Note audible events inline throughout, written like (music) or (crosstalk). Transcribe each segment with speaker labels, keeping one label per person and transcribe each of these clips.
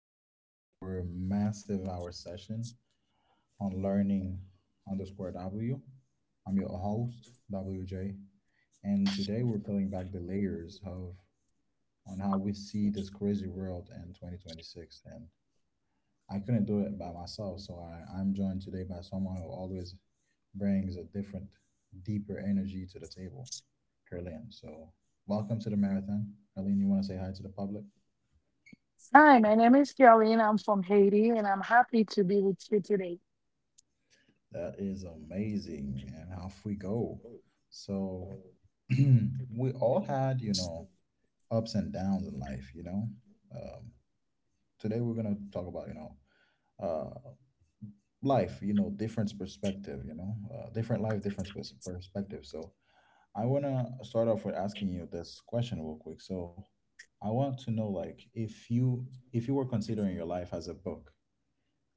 Speaker 1: live for a massive hour session on learning underscore W. I'm your host, WJ, and today we're peeling back the layers of on how we see this crazy world in 2026. And I couldn't do it by myself, so I'm joined today by someone who always brings a different, deeper energy to the table, Carlin. So welcome to the marathon. Carlin, you want to say hi to the public?
Speaker 2: Hi, my name is Caroline. I'm from Haiti and I'm happy to be with you today.
Speaker 1: That is amazing. And off we go. So (clears throat) we all had, you know, ups and downs in life, Um, Today we're going to talk about, uh, life, you know, different perspective, different life, different perspective. So I want to start off with asking you this question real quick. So I want to know, like, if you were considering your life as a book,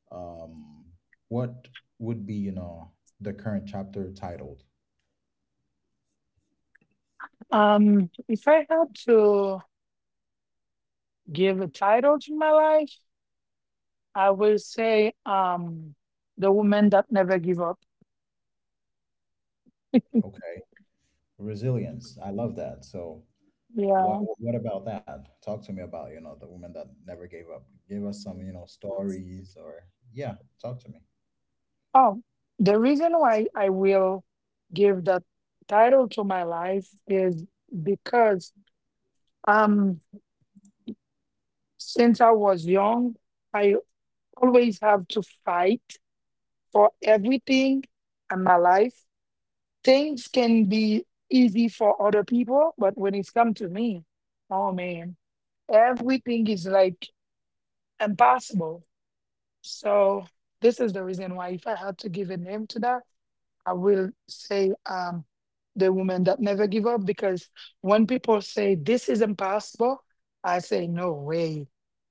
Speaker 1: um, what would be, you know, the current chapter titled?
Speaker 2: If I had to give a title to my life, I will say The Woman That Never Give Up.
Speaker 1: Okay. Resilience. I love that. So what
Speaker 2: Yeah.
Speaker 1: what about that? Talk to me about, you know, the woman that never gave up. Give us some, you know, stories or yeah, talk to me.
Speaker 2: Oh, the reason why I will give that title to my life is because um, since I was young, I always have to fight for everything in my life things can be easy for other people, but when it's come to me, oh man, everything is like impossible. So this is the reason why if I had to give a name to that, I will say the woman that never give up because when people say this is impossible, I say no way.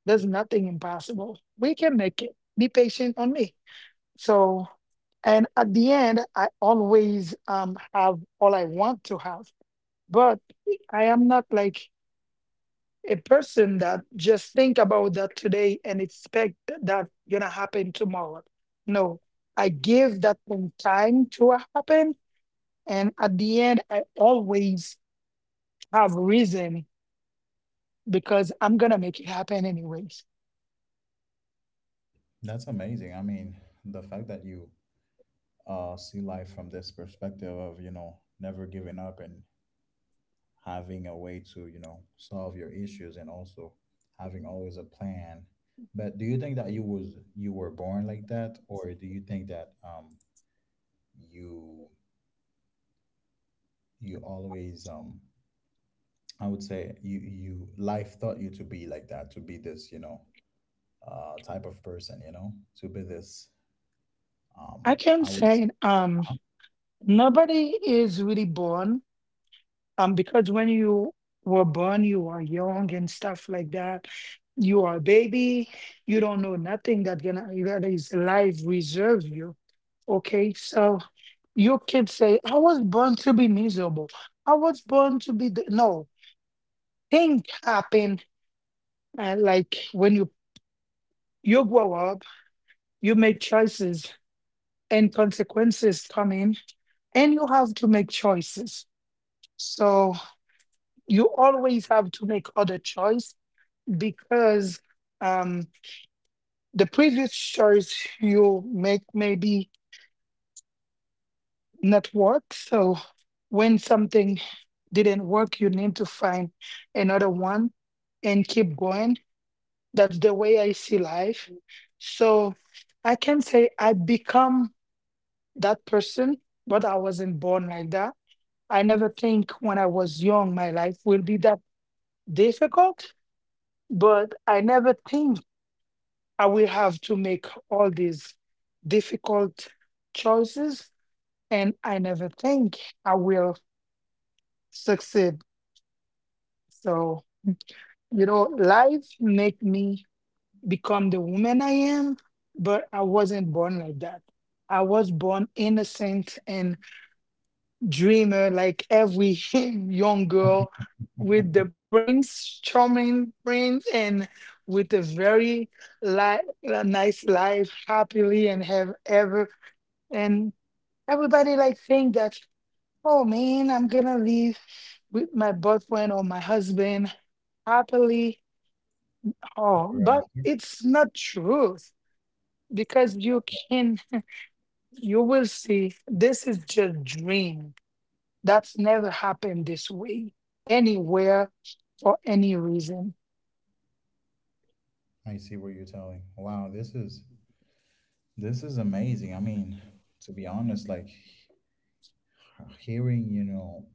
Speaker 2: There's nothing impossible. We can make it. Be patient on me. So, and at the end, I always have all I want to have. But I am not like a person that just think about that today and expect that gonna happen tomorrow. No, I give that thing time to happen, and at the end, I always have reason because I'm gonna make it happen anyways.
Speaker 1: That's amazing. I mean, the fact that you see life from this perspective of, you know, never giving up and having a way to, you know, solve your issues and also having always a plan. But do you think that you was you were born like that or do you think that you you always I would say you life taught you to be like that, to be this, you know, type of person, you know, to be this.
Speaker 2: I
Speaker 1: Um
Speaker 2: can
Speaker 1: I would
Speaker 2: say nobody is really born because when you were born you are young and stuff like that you are a baby you don't know nothing that gonna that is life reserve you okay so you can say I was born to be miserable I was born to be no things happen like when you grow up you make choices and consequences come in and you have to make choices so you always have to make other choice because um, the previous choice you make maybe not work. So when something didn't work, you need to find another one and keep going. That's the way I see life. So I can say I become that person, but I wasn't born like that. I never think when I was young my life will be that difficult, but I never think I will have to make all these difficult choices, and I never think I will succeed. So, you know, life made me become the woman I am, but I wasn't born like that. I was born innocent and dreamer, like every (laughs) young girl with
Speaker 1: (laughs)
Speaker 2: the prince, charming prince, and with a very a nice life, happily and have ever. And. Everybody like think that, oh man, I'm gonna live with my boyfriend or my husband happily. Oh,
Speaker 1: Right.
Speaker 2: but it's not truth because you can you will see this is just dream. That's never happened this way anywhere for any reason.
Speaker 1: I see what you're telling. Wow, this is amazing. I mean, to be honest, like hearing, you know,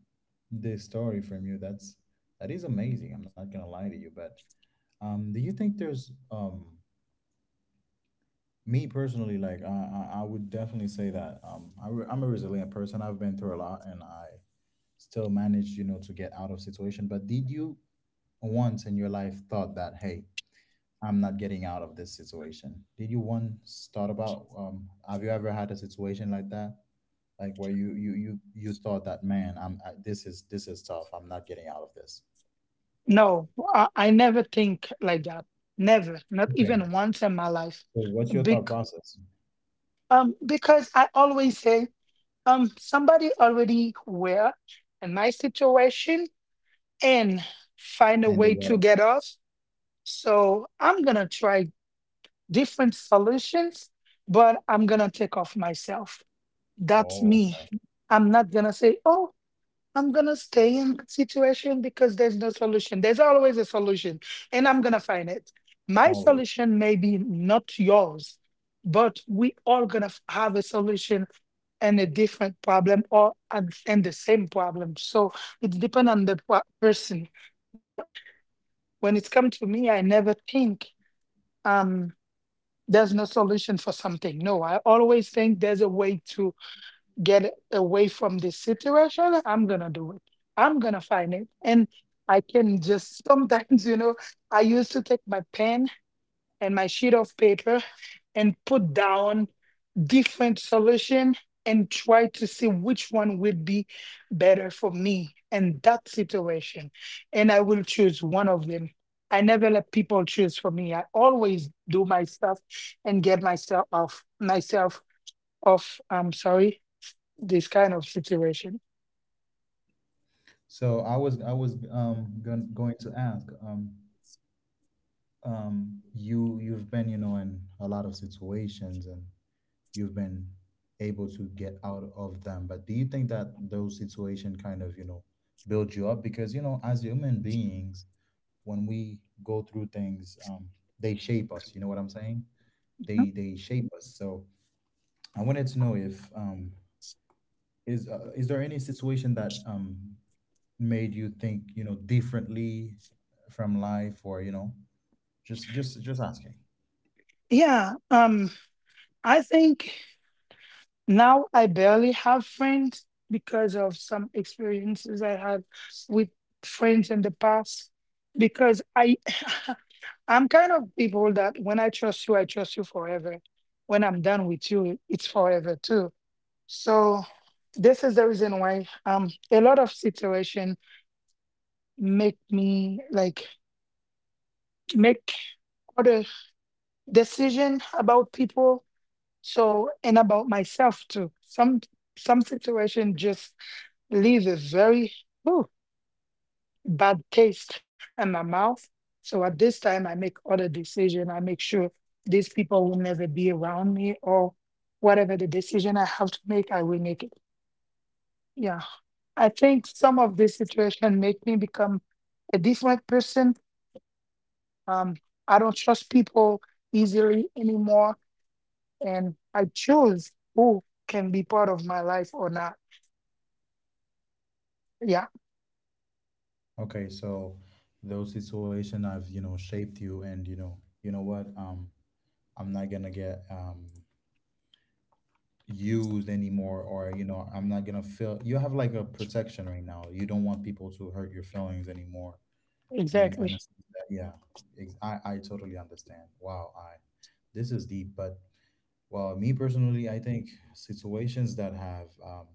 Speaker 1: this story from you, that's that is amazing. I'm not gonna lie to you, but do you think there's me personally, like I would definitely say that I'm a resilient person. I've been through a lot, and I still managed, you know, to get out of situation. But did you once in your life thought that, hey, I'm not getting out of this situation? Did you once thought about? Have you ever had a situation like that, like where you thought that, man, this is tough. I'm not getting out of this.
Speaker 2: No, I never think like that. Never, not
Speaker 1: Okay.
Speaker 2: even once in my life.
Speaker 1: So what's your thought
Speaker 2: Bec-
Speaker 1: process?
Speaker 2: because I always say somebody already were in my situation and find a
Speaker 1: And they
Speaker 2: way to
Speaker 1: got.
Speaker 2: get off so I'm gonna try different solutions but I'm gonna take off myself that's
Speaker 1: Oh,
Speaker 2: me
Speaker 1: okay.
Speaker 2: I'm not gonna say oh I'm gonna stay in that situation because there's no solution. There's always a solution, and I'm gonna find it. My
Speaker 1: Always.
Speaker 2: solution may be not yours, but we all gonna have a solution and a different problem or and the same problem. So it depends on the person. But when it's come to me, I never think um there's no solution for something. No, I always think there's a way to get away from this situation, I'm gonna do it. I'm gonna find it. And I can just (laughs) sometimes, I used to take my pen and my sheet of paper and put down different solution and try to see which one would be better for me in that situation. And I will choose one of them. I never let people choose for me. I always do my stuff and get myself off myself off. I'm sorry this kind of situation.
Speaker 1: So I was going to ask you you've been you know in a lot of situations and you've been able to get out of them. But do you think that those situations kind of, you know, build you up? Because, you know, as human beings, when we go through things, they shape us. You know what I'm saying?
Speaker 2: Mhm.
Speaker 1: They shape us. So I wanted to know if is is there any situation that made you think you know differently from life, or you know, just asking.
Speaker 2: Yeah, I think now I barely have friends because of some experiences I had with friends in the past. Because I, (laughs) I'm kind of people that when I trust you forever. When I'm done with you, it's forever too. So this is the reason why a lot of situation make me like make other decision about people. So, and about myself too. Some situation just leave a very ooh, bad taste in my mouth. So at this time, I make other decision. I make sure these people will never be around me, or whatever the decision I have to make, I will make it. Yeah, I think some of this situation make me become a different person. Um, I don't trust people easily anymore, and I choose who can be part of my life or not. Yeah,
Speaker 1: Okay, so those situations have, you know, shaped you and you know what, I'm not gonna get used anymore or you know, I'm not gonna feel you have like a protection right now. You don't want people to hurt your feelings anymore. And
Speaker 2: exactly.
Speaker 1: and it's- yeah, I totally understand. Wow, I this is deep, but well, me personally, I think situations that have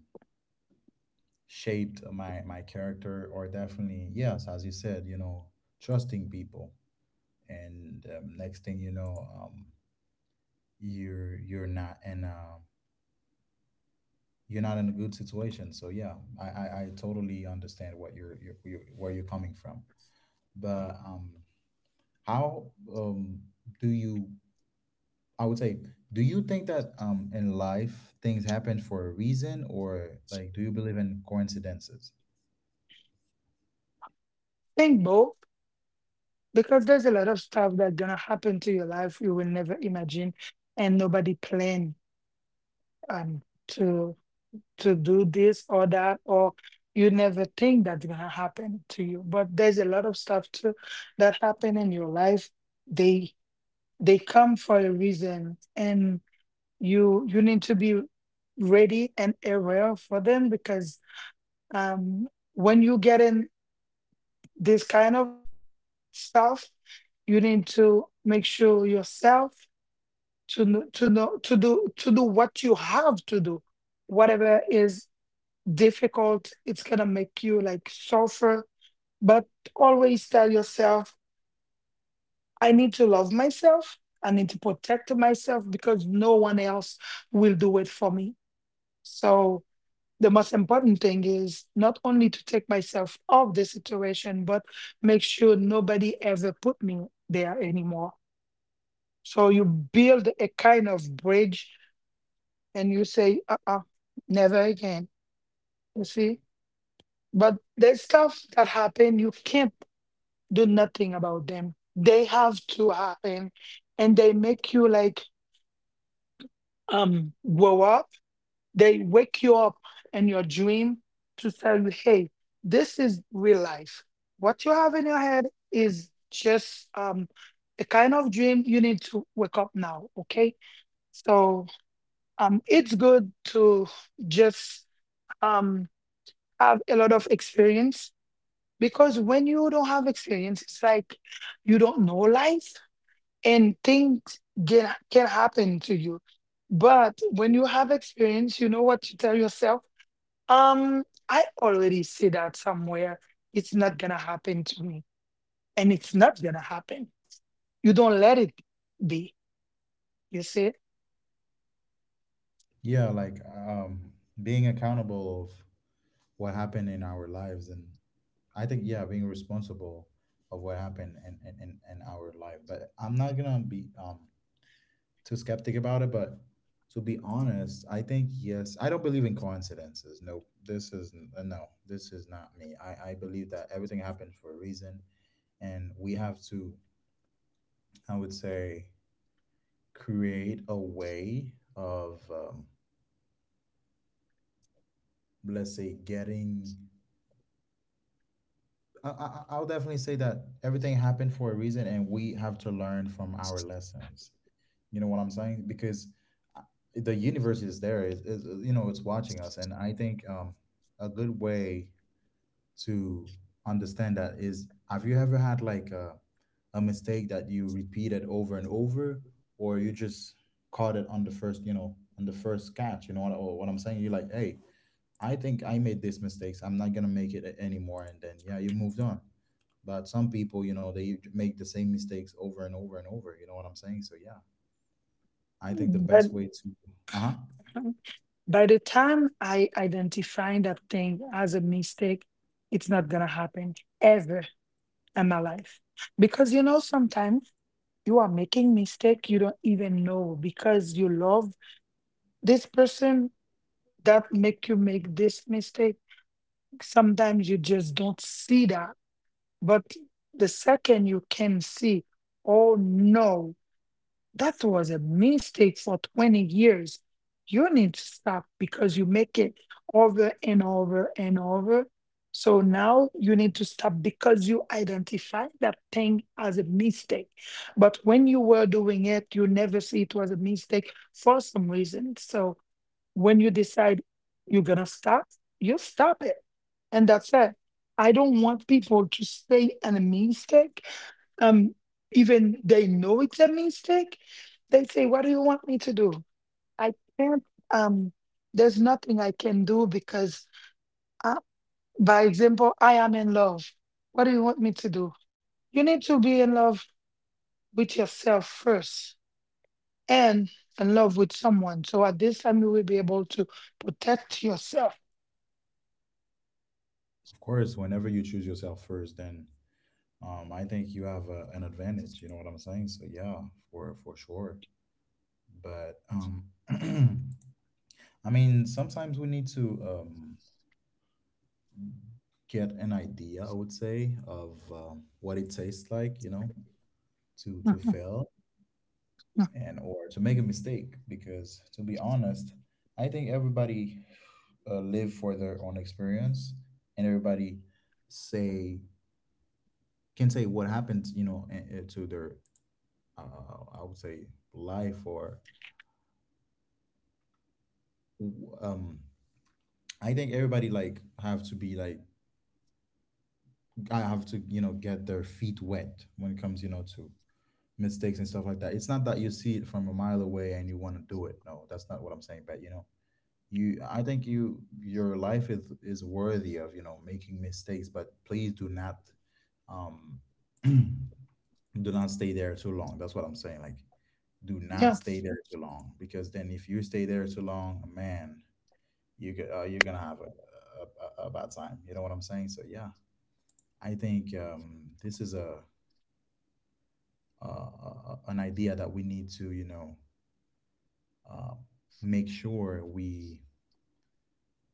Speaker 1: shaped my character are definitely yes, as you said, you know, trusting people, and next thing you know, you're not in a, you're not in a good situation. So yeah, I totally understand what you're where you're coming from. But how do you I would say, do you think that in life things happen for a reason or like do you believe in coincidences?
Speaker 2: Think both because there's a lot of stuff that's gonna happen to your life you will never imagine, and nobody planned um to to do this or that, or you never think that's gonna happen to you. But there's a lot of stuff too that happen in your life. They they come for a reason, and you need to be ready and aware for them because when you get in this kind of self. You need to make sure yourself to know, to know to do what you have to do. Whatever is difficult, it's gonna make you like suffer. But always tell yourself, I need to love myself. I need to protect myself because no one else will do it for me. So the most important thing is not only to take myself off the situation, but make sure nobody ever put me there anymore. So you build a kind of bridge and you say, never again. You see? But there's stuff that happen, you can't do nothing about them. They have to happen and they make you like grow up. They wake you up in your dream to tell you, hey, this is real life. What you have in your head is just a kind of dream you need to wake up now, okay? So it's good to just um, have a lot of experience because when you don't have experience, it's like you don't know life and things can happen to you. But when you have experience, you know what to tell yourself. I already see that somewhere. It's not gonna happen to me, and it's not gonna happen. You don't let it be. You see,
Speaker 1: Yeah, like being accountable of what happened in our lives and I think yeah, being responsible of what happened in our life. But I'm not gonna be too skeptic about it, but to be honest, I think yes, I don't believe in coincidences. Nope. No, this is not me. I believe that everything happens for a reason and we have to I would say create a way of, let's say, getting. I'll definitely say that everything happened for a reason, and we have to learn from our lessons. You know what I'm saying? Because uh, the universe is there. Is You know it's watching us, and I think a good way to understand that is have you ever had like a mistake that you repeated over and over or you just caught it on the first you know on the first catch you know what, or what I'm saying, you're like hey, I think I made these mistakes, I'm not gonna make it anymore and then yeah you moved on, but some people you know they make the same mistakes over and over and over, you know what I'm saying, so yeah I think the best
Speaker 2: but
Speaker 1: way to uh-huh
Speaker 2: Um, by the time I identify that thing as a mistake, it's not gonna happen ever in my life. Because you know, sometimes you are making mistake you don't even know because you love this person that make you make this mistake. Sometimes you just don't see that. But the second you can see, oh no, that was a mistake for 20 years. You need to stop because you make it over and over and over. So now you need to stop because you identify that thing as a mistake. But when you were doing it, you never see it was a mistake for some reason. So when you decide you're going to stop, you stop it. And that's it. I don't want people to stay in a mistake um even they know it's a mistake they say what do you want me to do I can't um there's nothing I can do because uh, by example I am in love what do you want me to do you need to be in love with yourself first and in love with someone so at this time you will be able to protect yourself (laughs)
Speaker 1: of course whenever you choose yourself first then I think you have a, an advantage. You know what I'm saying? So yeah, for sure. But (clears throat) I mean, sometimes we need to get an idea. I would say of what it tastes like. You know, to
Speaker 2: Mhm,
Speaker 1: fail
Speaker 2: mhm.
Speaker 1: and or to make a mistake. Because to be honest, I think everybody live for their own experience, and everybody say can say what happened. You know, to their I would say life or um I think everybody like have to be like I have to you know get their feet wet when it comes you know to mistakes and stuff like that. It's not that you see it from a mile away and you want to do it. No, that's not what I'm saying. But you know, you I think you your life is worthy of you know making mistakes, but please do not um (clears throat) do not stay there too long. That's what I'm saying. Like do not
Speaker 2: Yeah,
Speaker 1: stay there too long because then if you stay there too long, man, you get you're gonna have a bad time. You know what I'm saying? So yeah, I think this is a, an idea that we need to you know uh, make sure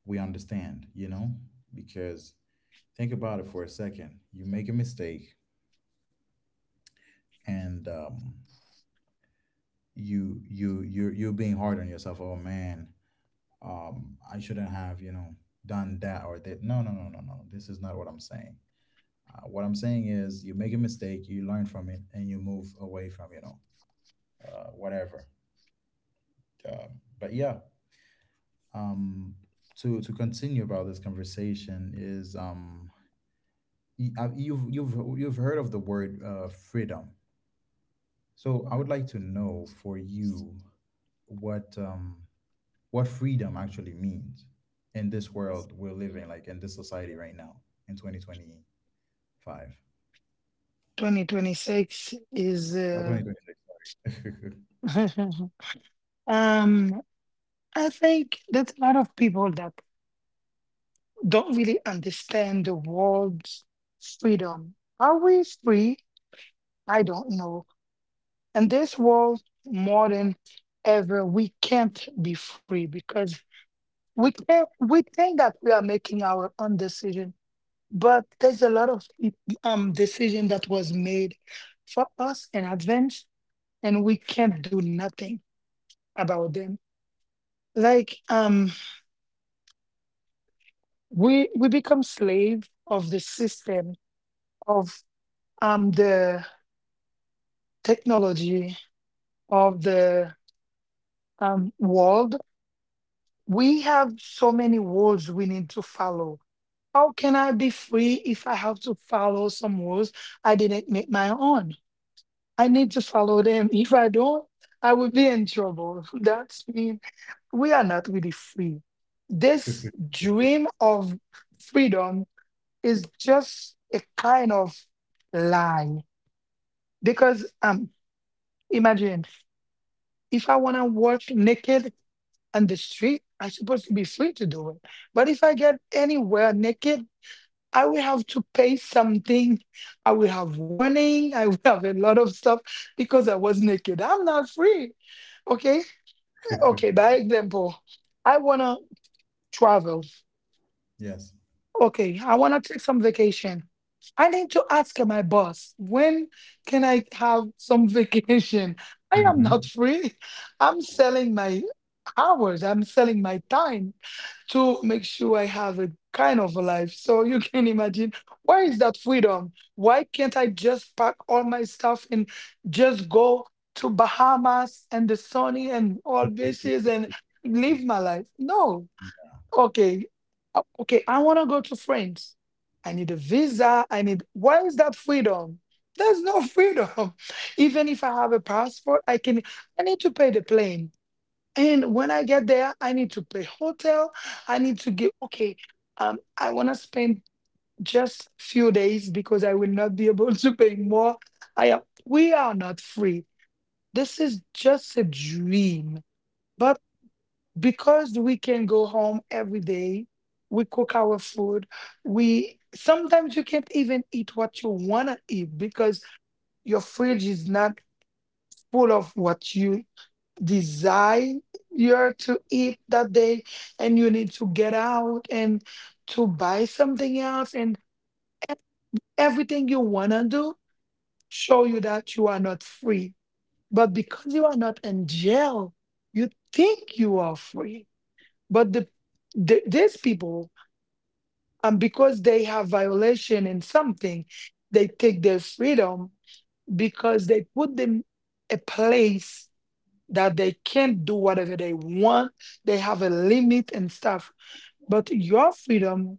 Speaker 1: we understand. You know, because think about it for a second. You make a mistake, and you're being hard on yourself. Oh man, I shouldn't have you know done that or that. No no no no no. This is not what I'm saying. What I'm saying is, you make a mistake, you learn from it, and you move away from you know whatever. But yeah, um, to continue about this conversation is you've heard of the word freedom. So I would like to know for you what um, what freedom actually means in this world we're living, like in this society right now in 2025,
Speaker 2: 2026 is
Speaker 1: 2026.
Speaker 2: (laughs) um I think there's a lot of people that don't really understand the world's freedom. Are we free? I don't know. And this world, more than ever, we can't be free because we can't. We think that we are making our own decision, but there's a lot of decision that was made for us in advance, and we can't do nothing about them. Like we become slave of the system of the technology of the world, we have so many rules we need to follow. How can I be free if I have to follow some rules I didn't make my own? I need to follow them. If I don't, I will be in trouble. (laughs) That's mean we are not really free. This dream of freedom is just a kind of lie because imagine if I want to work naked on the street, I'm supposed to be free to do it. But if I get anywhere naked, I will have to pay something. I will have warning. I will have a lot of stuff because I was naked. I'm not free. Okay. Okay. By example, I want to travel.
Speaker 1: (laughs) Yes.
Speaker 2: Okay. I want to take some vacation. I need to ask my boss, when can I have some vacation? (laughs) I am not
Speaker 1: Hmm.
Speaker 2: free. I'm selling my hours. I'm selling my time to make sure I have a kind of a life. So you (laughs) can imagine, where is that freedom? Why can't I just pack all my stuff and just go to Bahamas and the sunny and all beaches and live my life? No. Okay. Okay, I want to go to France. I need a visa. I need, where is that freedom? There's no freedom. (laughs) Even if I have a passport, I can I need to pay the plane. And when I get there, I need to pay hotel. I need to get okay. I want to spend just few days because I will not be (laughs) able to pay more. I am, we are not free. This is just a dream. But because we can go home every day, we cook our food. We sometimes you can't even eat what you wanna eat because your fridge is not full of what you desire to eat that day, and you need to get out and to buy something else and e- everything you want to do show you that you are not free, but because you are not in jail you think you are free. But the these people because they have violation in something, they take their freedom because they put them a place that they can't do whatever they want. They have a limit and stuff. But your freedom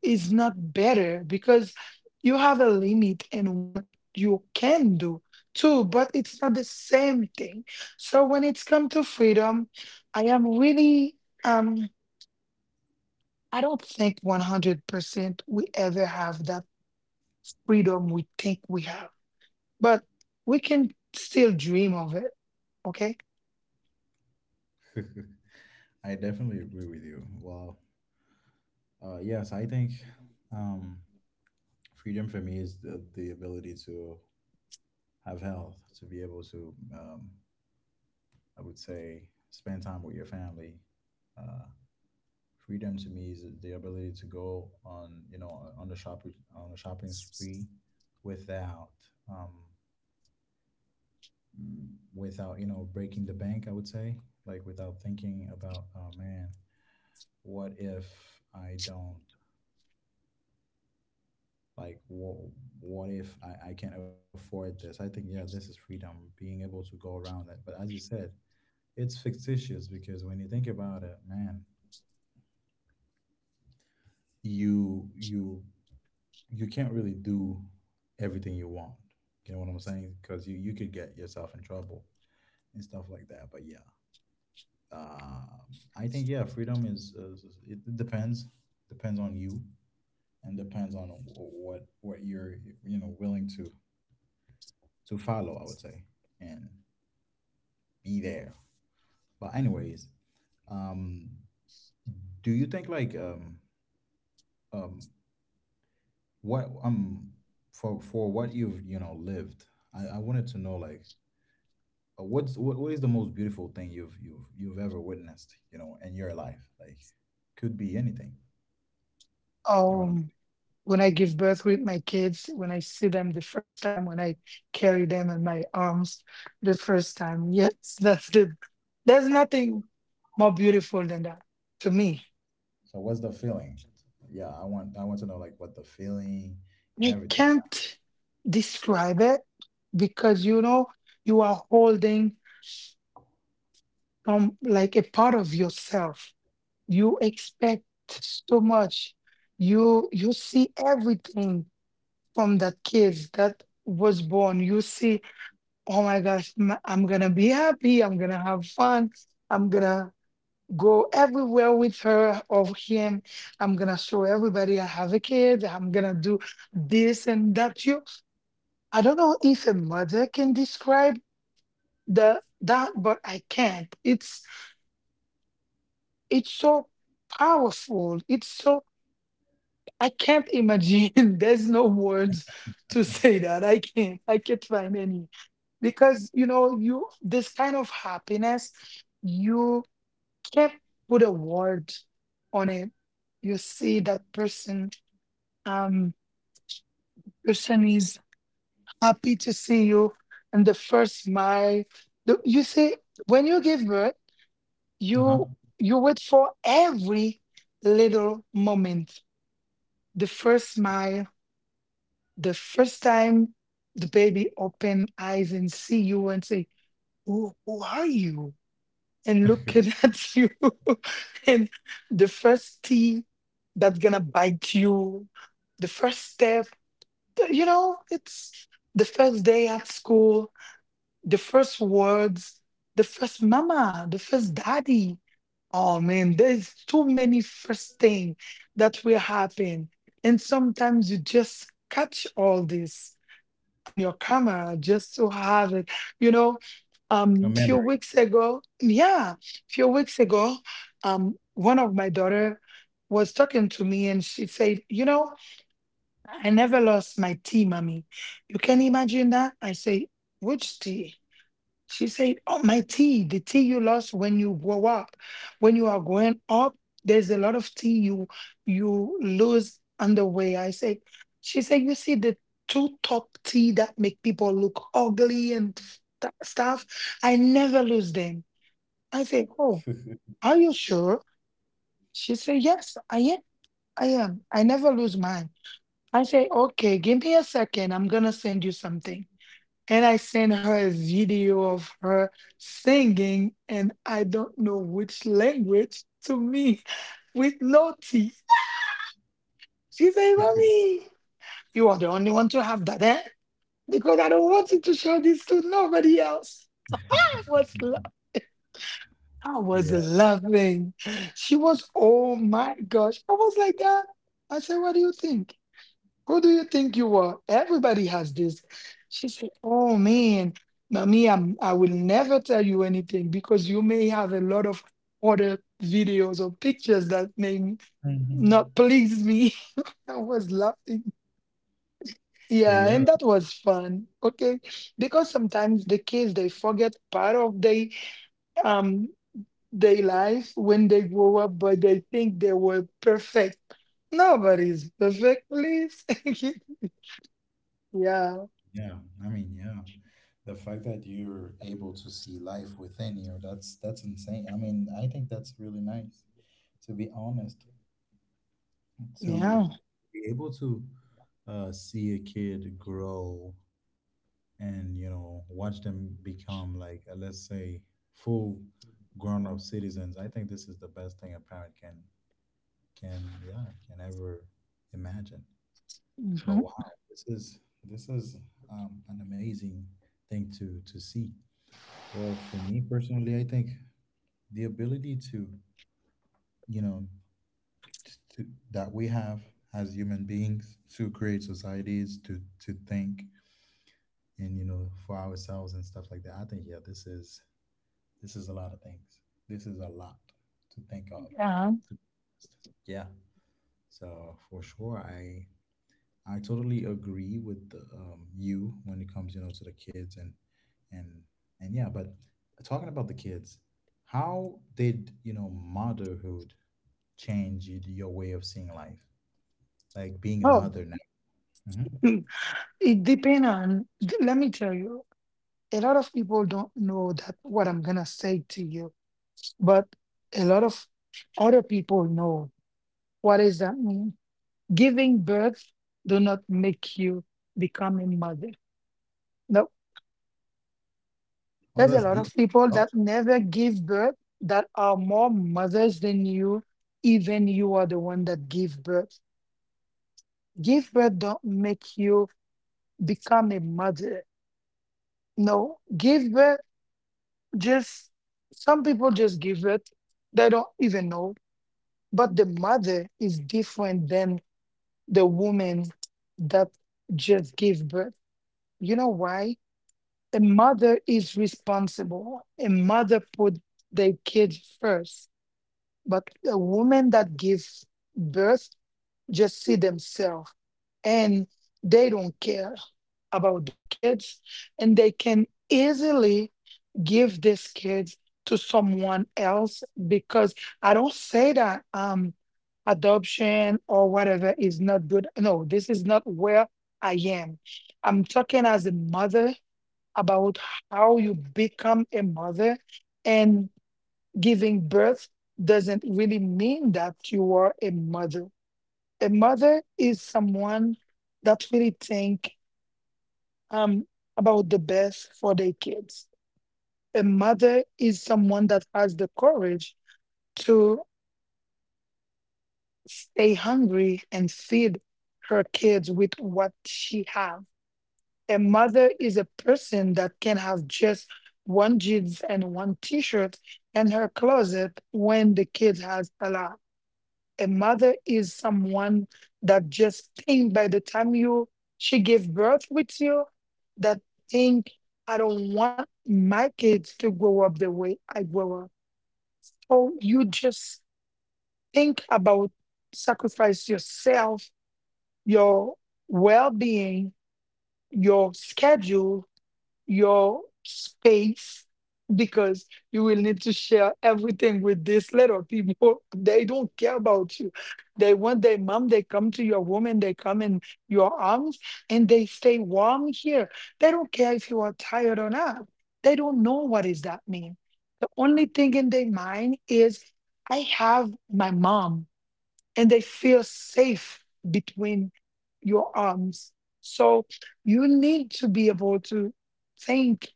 Speaker 2: is not better because you have a limit in what you can do too, but it's not the same thing. So when it's come to freedom, I am really um I don't think 100% we ever have that freedom we think we have, but we can still dream of it. Okay.
Speaker 1: (laughs) I definitely agree with you. Wow. Yes, I think um, freedom for me is the ability to have health, to be able to, I would say, spend time with your family. Uh, freedom to me is the ability to go on, you know, on the shopping spree without, um, without, you know, breaking the bank. I would say, like, without thinking about, oh man, what if I don't like what if I can't afford this. I think yeah this is freedom, being able to go around that, but as you said it's fictitious because when you think about it man, you you you can't really do everything you want, you know what I'm saying, because you could get yourself in trouble and stuff like that, but yeah um I think yeah freedom is- it depends, depends on you and depends on what you're you know willing to follow I would say and be there. But anyways, um, do you think like um what for what you've you know lived, I wanted to know like what is the most beautiful thing you've ever witnessed you know in your life like could be anything you know what I'm
Speaker 2: Um,
Speaker 1: saying
Speaker 2: when I give birth with my kids, when I see them the first time, when I carry them in my arms the first time. Yes, (laughs) that's the there's nothing more beautiful than that to me.
Speaker 1: so what's the feeling yeah I want to know like what the feeling and
Speaker 2: You
Speaker 1: everything
Speaker 2: can't describe it because you know you are holding like a part of yourself. You expect so much. You see everything from that kids that was born. You see, oh my gosh, I'm gonna be happy, I'm gonna have fun, I'm gonna go everywhere with her or him, I'm gonna show everybody I have a kid, I'm gonna do this and that. You, I don't know if a mother can describe the that, but I can't. It's so powerful. It's so I can't imagine. (laughs) There's no words to
Speaker 1: yeah
Speaker 2: say that. I can't. I can't find any because you know you this kind of happiness you can't put a word on it. You see that person. Um, Person is happy to see you, and the first smile. You see, when you give birth,
Speaker 1: uh huh
Speaker 2: you you wait for every little moment. The first smile, the first time the baby open eyes and see you and say, who are you? And looking
Speaker 1: (laughs)
Speaker 2: (laughs) at you. (laughs) And the first tea that's gonna bite you, the first step, you know, it's the first day at school, the first words, the first mama, the first daddy. Oh man, there's too many first thing that will happen. And sometimes you just catch all this on your camera just to have it. You know,
Speaker 1: a
Speaker 2: few
Speaker 1: memory
Speaker 2: weeks ago, yeah, few weeks ago, one of my daughter was talking to me and she said, you know, I never lost my tea, mommy. You can imagine that? I say, which tea? She said, oh, my tea, the tea you lost when you grow up. When you are growing up, there's a lot of tea you lose on the way. I said, she said, you see the two top tea that make people look ugly and stuff. I never lose them. I said, oh,
Speaker 1: (laughs)
Speaker 2: are you sure? She said, yes, I am. I am. I never lose mine. I say, okay, give me a second. I'm gonna send you something, and I sent her a video of her singing, and I don't know which language to me (laughs) with no teeth. She said, mommy, you are the only one to have that, eh? Because I don't want you to show this to nobody else. I was, I
Speaker 1: (laughs)
Speaker 2: was
Speaker 1: yeah
Speaker 2: laughing. She was, oh my gosh. I was like that. I said, what do you think? Who do you think you are? Everybody has this. She said, oh man, mommy, I will never tell you anything because you may have a lot of other videos or pictures that may
Speaker 1: Mhm.
Speaker 2: not please me. (laughs) I was laughing.
Speaker 1: so
Speaker 2: Yeah,
Speaker 1: yeah
Speaker 2: and that was fun. Okay. Because sometimes the kids they forget part of um their life when they grow up, but they think they were perfect. Nobody's perfect, please. (laughs) Yeah.
Speaker 1: Yeah, I mean, yeah, the fact that you're able to see life within you, that's insane. I mean, I think that's really nice, to be honest, to
Speaker 2: Yeah.
Speaker 1: be able to see a kid grow and, you know, watch them become like, let's say, full grown-up citizens. I think this is the best thing a parent can can ever imagine. But
Speaker 2: Mhm.
Speaker 1: wow, this is an amazing thing to see. Well, for me personally, I think the ability to, you know, t to, that we have as human beings to create societies, to think and, you know, for ourselves and stuff like that. I think, yeah, this is a lot of things. This is a lot to think of.
Speaker 2: Yeah.
Speaker 1: to- Yeah. So for sure, I totally agree with you when it comes, you know, to the kids and and yeah. But talking about the kids, how did you know motherhood change your way of seeing life? Like being a
Speaker 2: Oh,
Speaker 1: mother now. hmm
Speaker 2: (clears throat) (laughs) it depends on. (clears throat) Let me tell you, a lot of people don't know that what I'm gonna say to you, but a lot of other people know. What does that mean? Giving birth do not make you become a mother. No,
Speaker 1: Oh,
Speaker 2: there's a
Speaker 1: that's
Speaker 2: lot of
Speaker 1: deep.
Speaker 2: people
Speaker 1: Awesome.
Speaker 2: that never give birth that are more mothers than you. Even you are the one that give birth. Give birth don't make you become a mother. No, give birth just some people just give it. They don't even know. But the mother is different than the woman that just gave birth. You know why? A mother is responsible. A mother put their kids first. But a woman that gives birth just see themselves and they don't care about their kids and they can easily give these kids to someone else because I don't say that adoption or whatever is not good. No, this is not where I am. I'm talking as a mother about how you become a mother, and giving birth doesn't really mean that you are a mother. A mother is someone that really think um about the best for their kids. A mother is someone that has the courage to stay hungry and feed her kids with what she have. A mother is a person that can have just one jeans and one t-shirt in her closet when the kid has a lot. A mother is someone that just think by the time you she gave birth with you, that think I don't want my kids to grow up the way I grow up. So you just think about sacrifice yourself, your well being, your schedule, your space, because you will need to share everything with these little people. (laughs) They don't care about you. They want their mom, they come to your room and they come in your arms and they stay warm here. They don't care if you are tired or not. They don't know what is that mean. The only thing in their mind is, I have my mom, and they feel safe between your arms. So you need to be able to think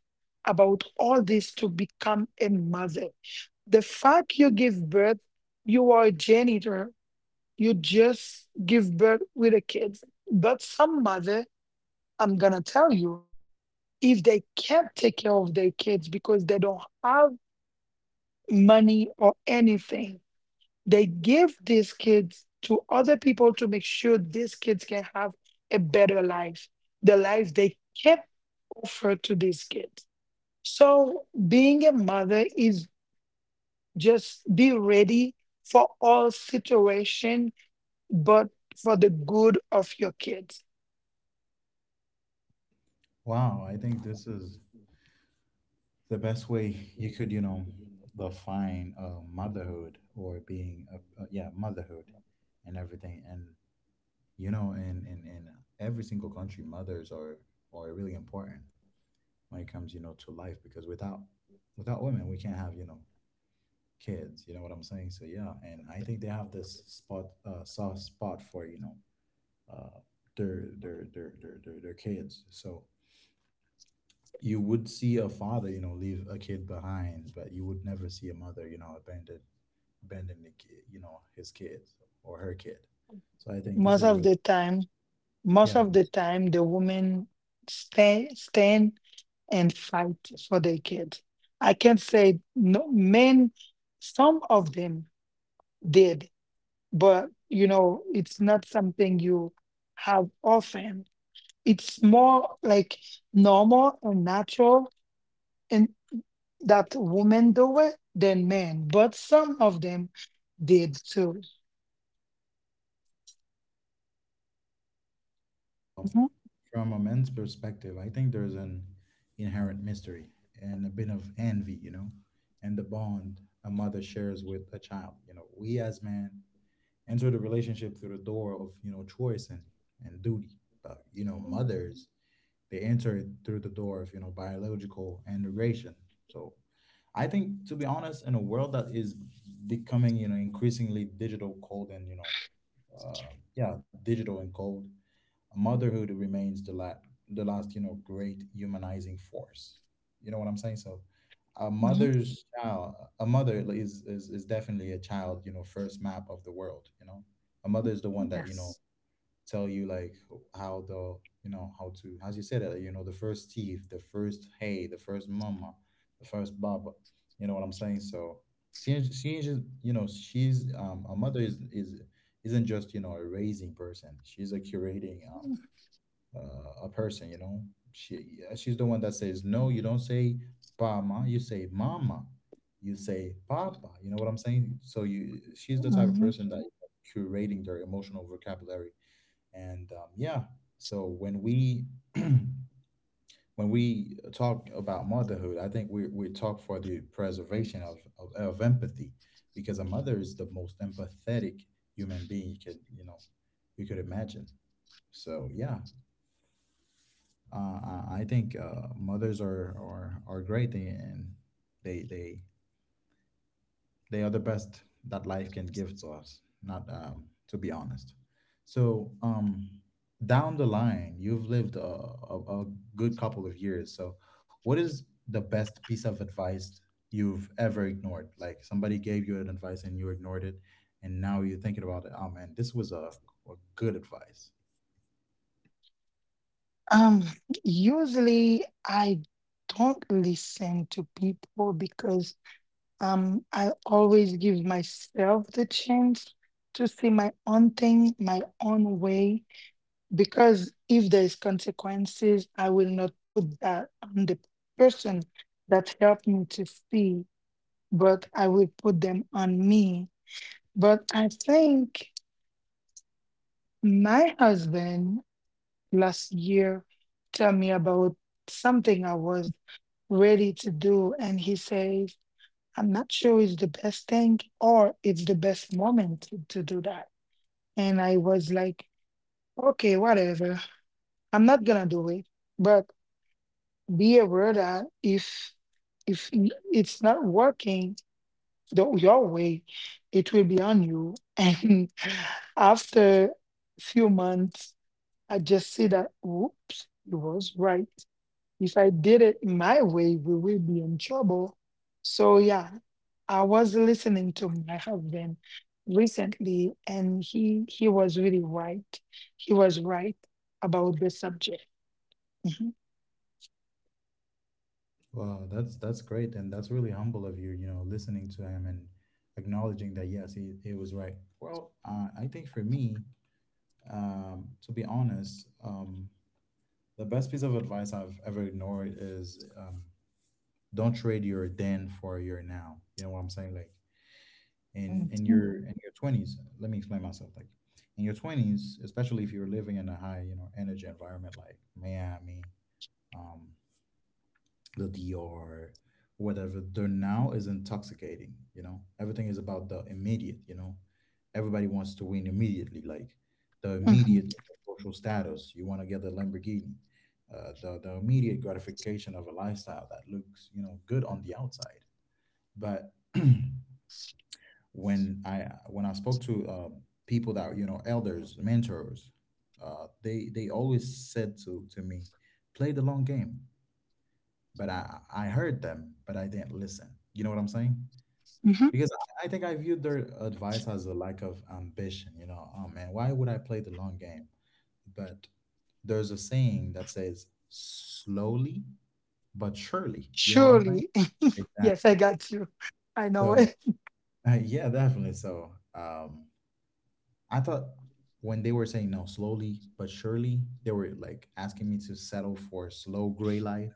Speaker 2: about all this to become a mother. The fact you give birth, you are a janitor, you just give birth with a kid. But some mother, I'm gonna tell you, if they can't take care of their kids because they don't have money or anything, they give these kids to other people to make sure these kids can have a better life, the life they can't offer to these kids. So being a mother is just be ready for all situation, but for the good of your kids.
Speaker 1: Wow, I think this is the best way you could, you know, define motherhood or being a, yeah, motherhood and everything. And you know and in every single country mothers are really important when it comes, you know, to life because without women we can't have, you know, kids, you know what I'm saying? So yeah, and I think they have this spot, soft spot for, you know, uh their kids. So you would see a father, you know, leave a kid behind, but you would never see a mother, you know, abandon the kid, you know, his kids or her kid. So I think
Speaker 2: Most
Speaker 1: this is
Speaker 2: of the
Speaker 1: really
Speaker 2: time, most of
Speaker 1: yeah
Speaker 2: the time, the women stand and fight for their kids. I can say no men, some of them did, but you know it's not something you have often, it's more like normal and natural and that women do it than men, but some of them did too. Mhm,
Speaker 1: from a man's perspective, I think there's an inherent mystery and a bit of envy, you know, and the bond a mother shares with a child. You know, we as men enter the relationship through the door of, you know, choice and duty. But, you know, mothers, they enter it through the door of, you know, biological integration. So I think, to be honest, in a world that is becoming, you know, increasingly digital, cold, and, you know, uh, yeah, digital and cold, motherhood remains the last you know great humanizing force, you know what I'm saying? So a
Speaker 2: mhm,
Speaker 1: mother's child, a mother is definitely a child, you know, first map of the world. You know, a mother is the one that, you know,
Speaker 2: yes,
Speaker 1: tell you like how the, you know, how to, as you said it, you know, the first teeth, the first hey, the first mama, the first baba, you know what I'm saying? So she is just, you know, she's a mother is isn't just, you know, a raising person. She's a curating uh, a person, you know. She she's the one that says no. You don't say "mama," you say "mama," you say "papa." You know what I'm saying? So you she's the type of
Speaker 2: mhm.
Speaker 1: person that curating their emotional vocabulary, and yeah. So when we (clears throat) when we talk about motherhood, I think we talk for the preservation of of empathy, because a mother is the most empathetic human being you could, you know, you could imagine. So yeah, I think mothers are great and they they they are the best that life can give to us. Not to be honest. So down the line, you've lived a good couple of years. So what is the best piece of advice you've ever ignored? Like somebody gave you an advice and you ignored it, and now you're thinking about it. Oh man, this was a or good advice.
Speaker 2: Um, usually I don't listen to people because I always give myself the chance to see my own thing my own way because if there is consequences, I will not put that on the person that helped me to see, but I will put them on me. But I think my husband last year tell me about something I was ready to do, and he says, I'm not sure it's the best thing or it's the best moment to do that. And I was like, okay, whatever. I'm not gonna do it. But be aware that if it's not working your way, it will be on you. (laughs) And after few months, I just see that whoops, he was right. If I did it my way, we will be in trouble. So yeah, I was listening to my husband recently, and he was really right. He was right about the subject. Mhm,
Speaker 1: Wow, that's great, and that's really humble of you. You know, listening to him and acknowledging that yes, he it was right. Well, I think for me, to be honest, the best piece of advice I've ever ignored is don't trade your then for your now, you know what I'm saying, like in
Speaker 2: mhm,
Speaker 1: your 20s. Let me explain myself, like in your 20s, especially if you're living in a high, you know, energy environment like Miami, um the Dior, whatever. The now is intoxicating, you know. Everything is about the immediate, you know. Everybody wants to win immediately, like the
Speaker 2: mhm,
Speaker 1: immediate social status. You want to get the Lamborghini, the immediate gratification of a lifestyle that looks, you know, good on the outside. But (clears throat) when I spoke to people that, you know, elders, mentors, they always said to me, play the long game. But I heard them, but I didn't listen, you know what I'm saying?
Speaker 2: mhm.
Speaker 1: Because I think I viewed their advice as a lack of ambition, you know, oh man, why would I play the long game? But there's a saying that says slowly but surely, you know what I'm saying?
Speaker 2: Surely. (laughs) Yes, I
Speaker 1: Exactly.
Speaker 2: got you. I know
Speaker 1: So
Speaker 2: it.
Speaker 1: (laughs) yeah, definitely. So I thought when they were saying no, slowly but surely, they were like asking me to settle for slow gray life.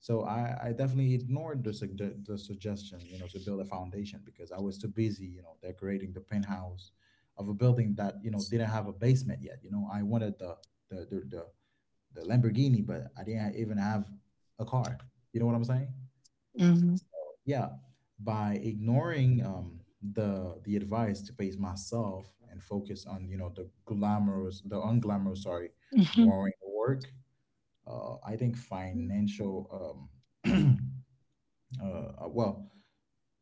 Speaker 1: So I definitely ignored the, the suggestion, you know, to build a foundation because I was too busy, you know, decorating the penthouse of a building that, you know, didn't have a basement yet. You know, I wanted the the the, the Lamborghini, but I didn't even have a car. You know what I'm saying?
Speaker 2: Mhm,
Speaker 1: Yeah, by ignoring the advice to pace myself and focus on, you know, the glamorous, the unglamorous, sorry,
Speaker 2: mhm,
Speaker 1: boring work, I think financial um, (clears throat) well,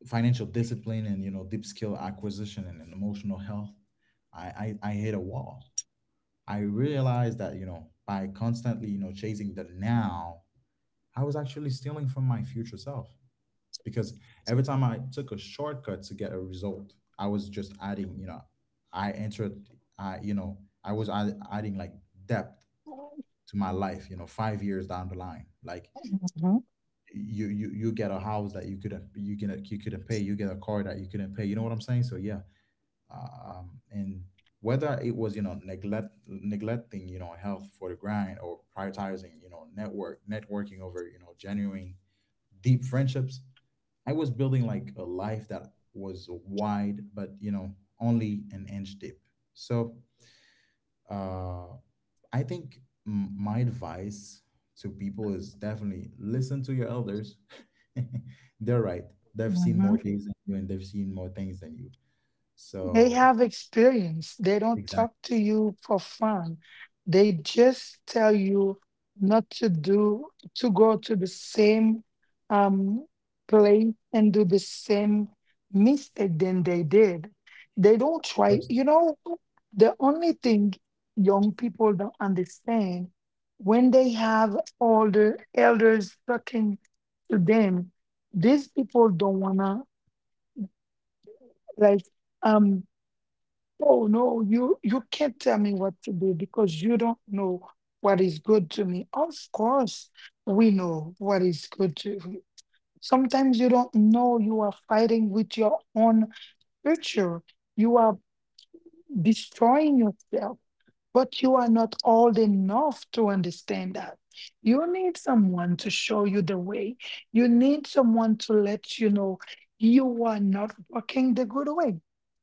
Speaker 1: financial discipline and, you know, deep skill acquisition and emotional health. I hit a wall. I realized that, you know, by constantly, you know, chasing the now, I was actually stealing from my future self. Because every time I took a shortcut to get a result, I was just adding, you know, I entered, I, you know, I was adding like depth to my life, you know, 5 years down the line. Like
Speaker 2: mhm,
Speaker 1: you get a house that you couldn't pay, you get a car that you couldn't pay. You know what I'm saying? So yeah. And whether it was, you know, neglecting, you know, health for the grind or prioritizing, you know, networking over, you know, genuine deep friendships, I was building like a life that was wide, but you know, only an inch deep. So uh, I think my advice to people is definitely listen to your elders. (laughs) They're right. They've seen more
Speaker 2: mhm.
Speaker 1: days than you, and they've seen more things than you.
Speaker 2: They
Speaker 1: So
Speaker 2: have experience. They don't
Speaker 1: exactly
Speaker 2: talk to you for fun. They just tell you not to do, to go to the same um, place and do the same mistake than they did. They don't try.
Speaker 1: first.
Speaker 2: You know, the only thing young people don't understand, when they have older elders talking to them, these people don't wanna like, um. Oh no, you can't tell me what to do because you don't know what is good to me. Of course, we know what is good to you. Sometimes you don't know you are fighting with your own future. You are destroying yourself. But you are not old enough to understand that. You need someone to show you the way. You need someone to let you know you are not walking the good way.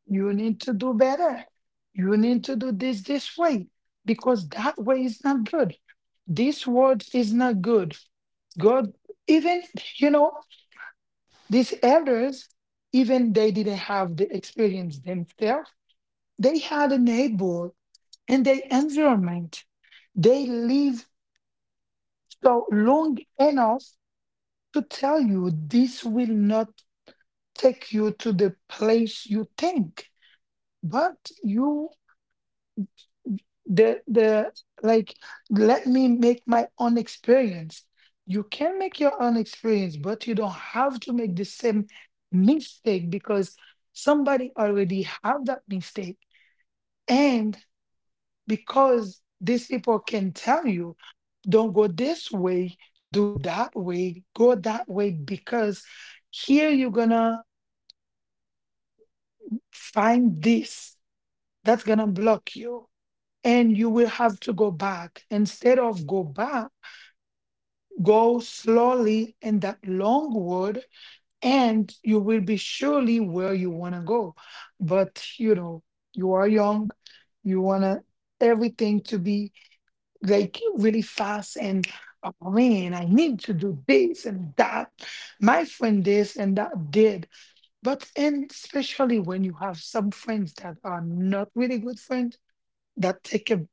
Speaker 2: You need to do better. You need to do this way because that way is not good. This word is not good. God, even, you know, these elders, even they didn't have the experience themselves. They had a neighbor and their environment. They live so long enough to tell you this will not take you to the place you think. But you, the, the, like, let me make my own experience. You can make your own experience, but you don't have to make the same mistake because somebody already have that mistake. And. Because these people can tell you, don't go this way, do that way, go that way, because here you're gonna find this that's gonna block you, and you will have to go back. Instead of go back, go slowly in that long road, and you will be surely where you want to go. But you know, you are young, you want to everything to be like really fast. And oh man, I need to do this and that. My friend this and that did. But, and especially when you have some friends that are not really good friends, that take a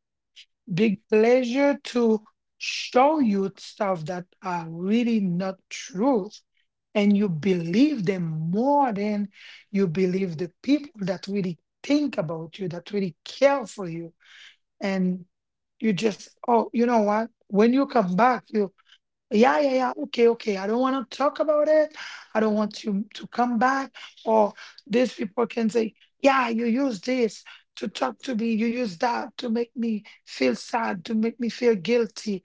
Speaker 2: big pleasure to show you stuff that are really not truth, and you believe them more than you believe the people that really think about you, that really care for you. And you just, oh, you know what, when you come back you. Yeah, yeah, yeah, okay, okay, I don't want to talk about it. I don't want you to come back. Or these people can say, yeah, you use this to talk to me, you use that to make me feel sad, to make me feel guilty.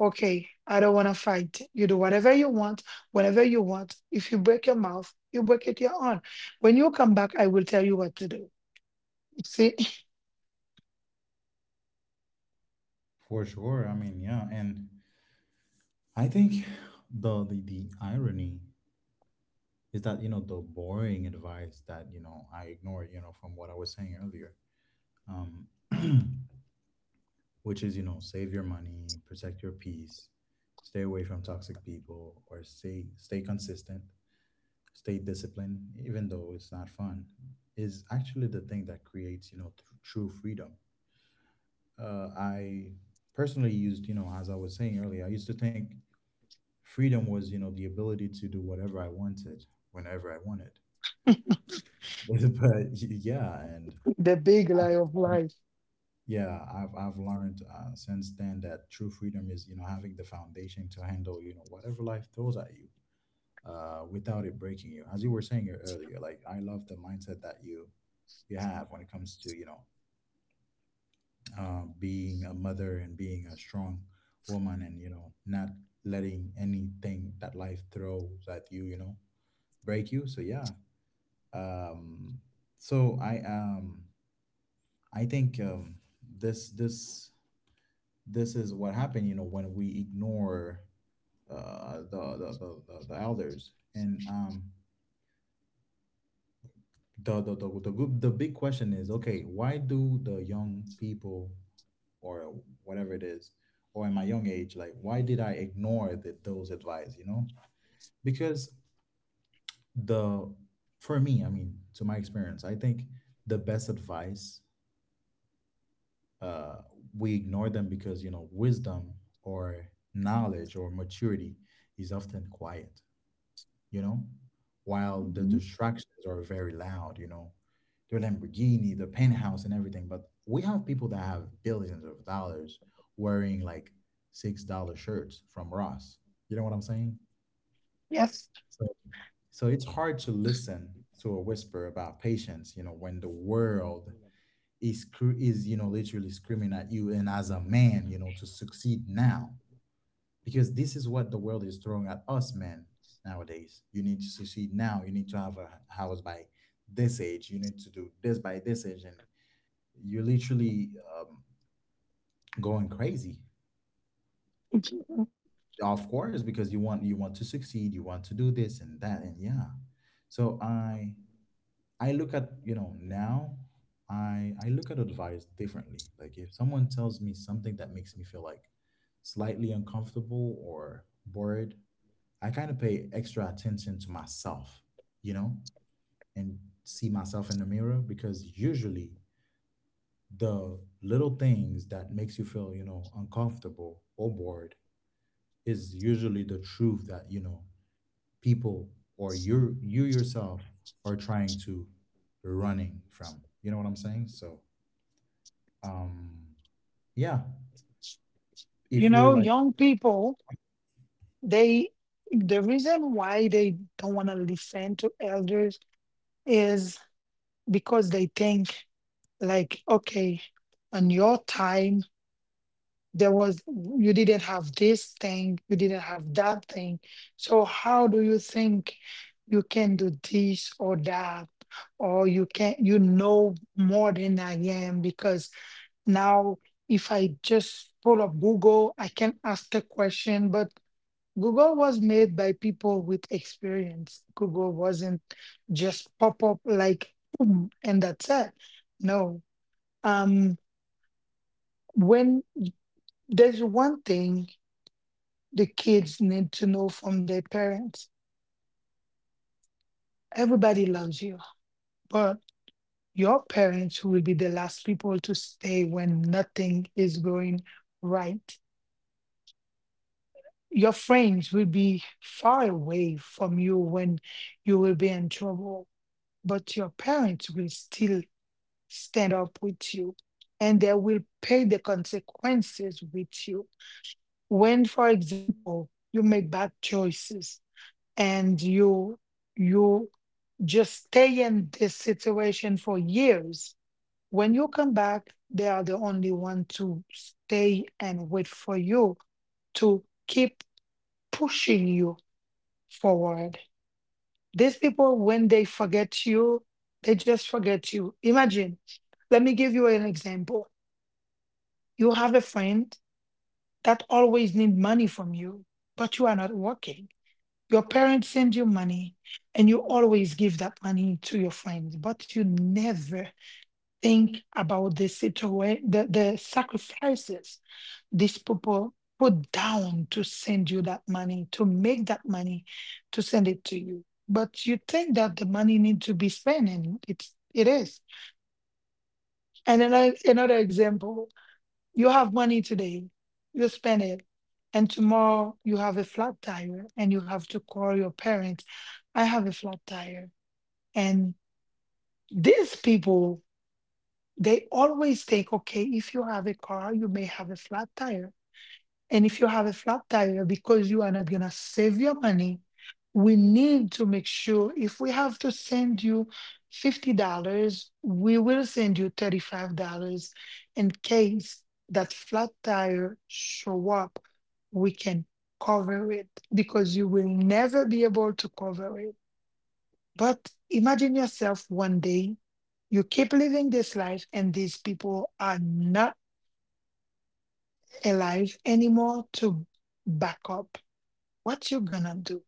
Speaker 2: Okay, I don't want to fight. You do whatever you want, whenever you want. If you break your mouth, you break it your own. When you come back, I will tell you what to do. See.
Speaker 1: For sure. I mean, yeah, and I think the irony is that, you know, the boring advice that, you know, I ignored, you know, from what I was saying earlier, um, (clears throat) which is, you know, save your money, protect your peace, stay away from toxic people, or stay consistent, stay disciplined, even though it's not fun, is actually the thing that creates, you know, true freedom. I personally used, you know, as I was saying earlier, I used to think freedom was, you know, the ability to do whatever I wanted whenever I wanted. (laughs) but yeah, and
Speaker 2: The big lie of life.
Speaker 1: yeah, I've learned since then that true freedom is, you know, having the foundation to handle, you know, whatever life throws at you without it breaking you. As you were saying earlier, like I love the mindset that you have when it comes to, you know, being a mother and being a strong woman, and, you know, not letting anything that life throws at you, you know, break you. So yeah, um so i um I think this this this is what happened, you know, when we ignore the elders. And the good, the big question is, okay, why do the young people or whatever it is, or in my young age, like, why did I ignore those advice, you know? Because the for me, I mean, to my experience, I think the best advice uh we ignore them because, you know, wisdom or knowledge or maturity is often quiet, you know, while the
Speaker 2: Mhm.
Speaker 1: distractions are very loud, you know, the Lamborghini, the penthouse, and everything. But we have people that have billions of dollars wearing like $6 shirts from Ross. You know what I'm saying?
Speaker 2: Yes.
Speaker 1: So, so it's hard to listen to a whisper about patience, you know, when the world is literally screaming at you, and as a man, you know, to succeed now, because this is what the world is throwing at us, man. Nowadays you need to succeed now, you need to have a house by this age, you need to do this by this age, and you're literally um, going crazy, of course, because you want to succeed, you want to do this and that, and yeah. So I look at, you know, now I look at advice differently. Like, if someone tells me something that makes me feel like slightly uncomfortable or bored, I kind of pay extra attention to myself, you know, and see myself in the mirror, because usually the little things that makes you feel, you know, uncomfortable or bored is usually the truth that, you know, people or you yourself are trying to running from. You know what I'm saying? So, um yeah,
Speaker 2: You
Speaker 1: if you're
Speaker 2: know,
Speaker 1: like
Speaker 2: young people, they the reason why they don't want to listen to elders is because they think like, okay, on your time there was, you didn't have this thing, you didn't have that thing, so how do you think you can do this or that, or you can you know more than I am? Because now, if I just pull up Google, I can ask a question. But Google was made by people with experience. Google wasn't just pop up like boom and that's it. No um when y- there's one thing the kids need to know from their parents. Everybody loves you, but your parents will be the last people to stay when nothing is going right. Your friends will be far away from you when you will be in trouble, but your parents will still stand up with you, and they will pay the consequences with you. When, for example, you make bad choices and you just stay in this situation for years. When you come back, they are the only one to stay and wait for you, to keep pushing you forward. These people, when they forget you, they just forget you. Imagine, let me give you an example. You have a friend that always need money from you, but you are not working. Your parents send you money and you always give that money to your friends, but you never think about the situation, the sacrifices these people put down to send you that money, to make that money, to send it to you. But you think that the money needs to be spent, and it is. And another example, you have money today, you spend it, and tomorrow you have a flat tire, and you have to call your parents, I have a flat tire. And these people, they always think, okay, if you have a car you may have a flat tire, and if you have a flat tire because you are not going to save your money, we need to make sure, if we have to send you $50, we will send you $35, in case that flat tire show up we can cover it, because you will never be able to cover it. But imagine yourself one day, you keep living this life, and these people are not alive anymore to back up. What you gonna do?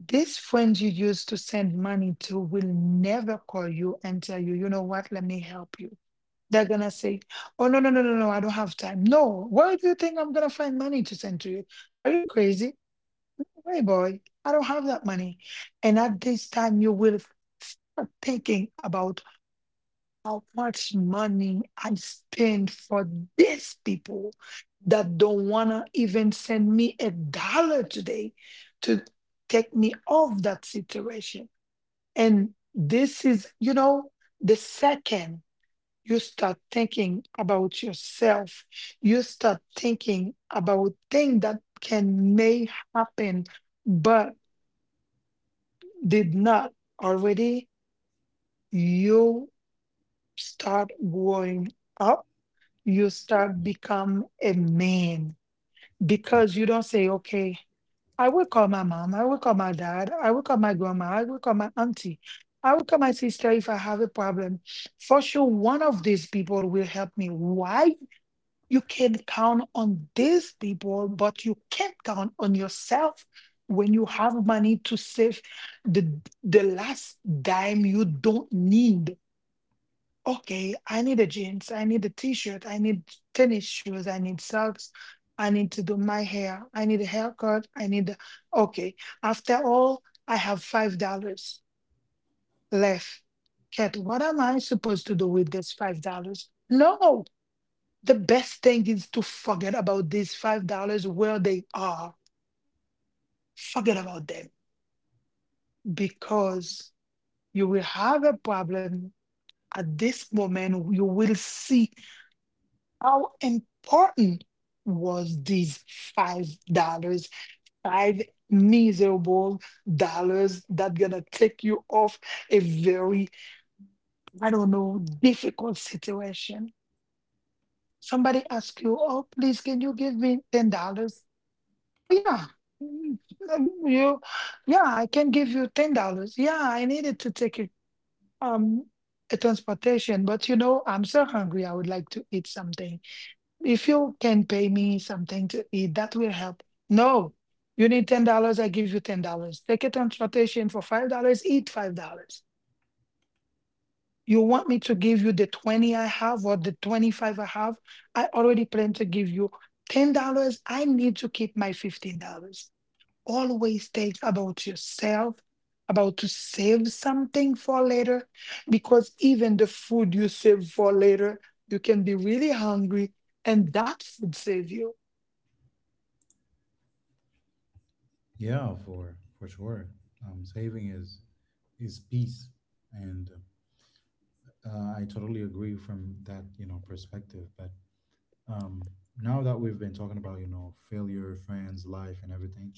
Speaker 2: This friend you used to send money to will never call you and tell you, you know what, let me help you. They're gonna say, oh no, no, no, no, no, I don't have time. No, where do you think I'm gonna find money to send to you? Are you crazy? Hey boy, I don't have that money. And at this time you will start thinking about how much money I spend for these people that don't want to even send me a dollar today to take me off that situation. And this is, you know, the second you start thinking about yourself, you start thinking about things that can may happen but did not already, you start growing up, you start become a man. Because you don't say, okay, I will call my mom, I will call my dad, I will call my grandma, I will call my auntie, I will call my sister if I have a problem. For sure, one of these people will help me. Why you can count on these people, but you can't count on yourself? When you have money to save, the the last dime you don't need, okay, I need a jeans, I need a t-shirt, I need tennis shoes, I need socks, I need to do my hair, I need a haircut, I need a, okay. After all, I have $5 left. Kat, what am I supposed to do with this $5? No, the best thing is to forget about these $5 where they are. Forget about them, because you will have a problem at this moment. You will see how important was these $5, five miserable dollars that gonna take you off a very, I don't know, difficult situation? Somebody ask you, oh, please, can you give me $10? Oh yeah. Mm, You, yeah, I can give you $10. Yeah, I needed to take um, a transportation, but you know, I'm so hungry. I would like to eat something. If you can pay me something to eat, that will help. No, you need $10. I give you $10. Take a transportation for $5. Eat $5. You want me to give you the 20 I have, or the 25 I have? I already plan to give you $10. I need to keep my $15. Always think about yourself, about to save something for later, because even the food you save for later, you can be really hungry, and that food save you.
Speaker 1: yeah, for sure. Um, saving is peace. And I totally agree from that, you know, perspective. But um, now that we've been talking about, you know, failure, friends, life, and everything,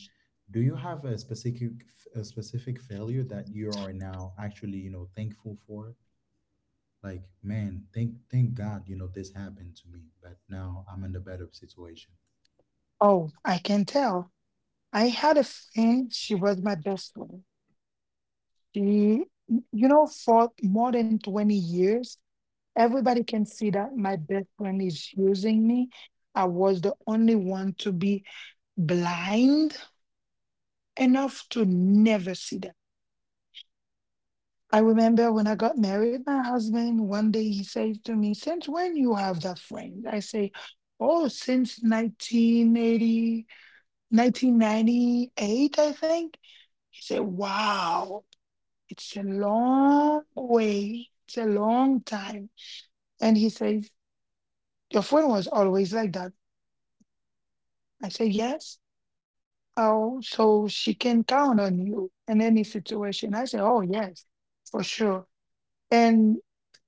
Speaker 1: do you have a specific failure that you are now actually, you know, thankful for? Like, man, thank thank God, you know, this happened to me, but now I'm in a better situation.
Speaker 2: Oh, I can tell. I had a friend, she was my best friend. She, you know, for more than 20 years, everybody can see that my best friend is using me. I was the only one to be blind enough to never see that. I remember when I got married, my husband, one day, he says to me, since when you have that friend? I say, oh, since 1980, 1998, I think. He said, wow, it's a long way. It's a long time. And he says, your phone was always like that. I said, yes. Oh, so she can count on you in any situation. I said, oh, yes, for sure. And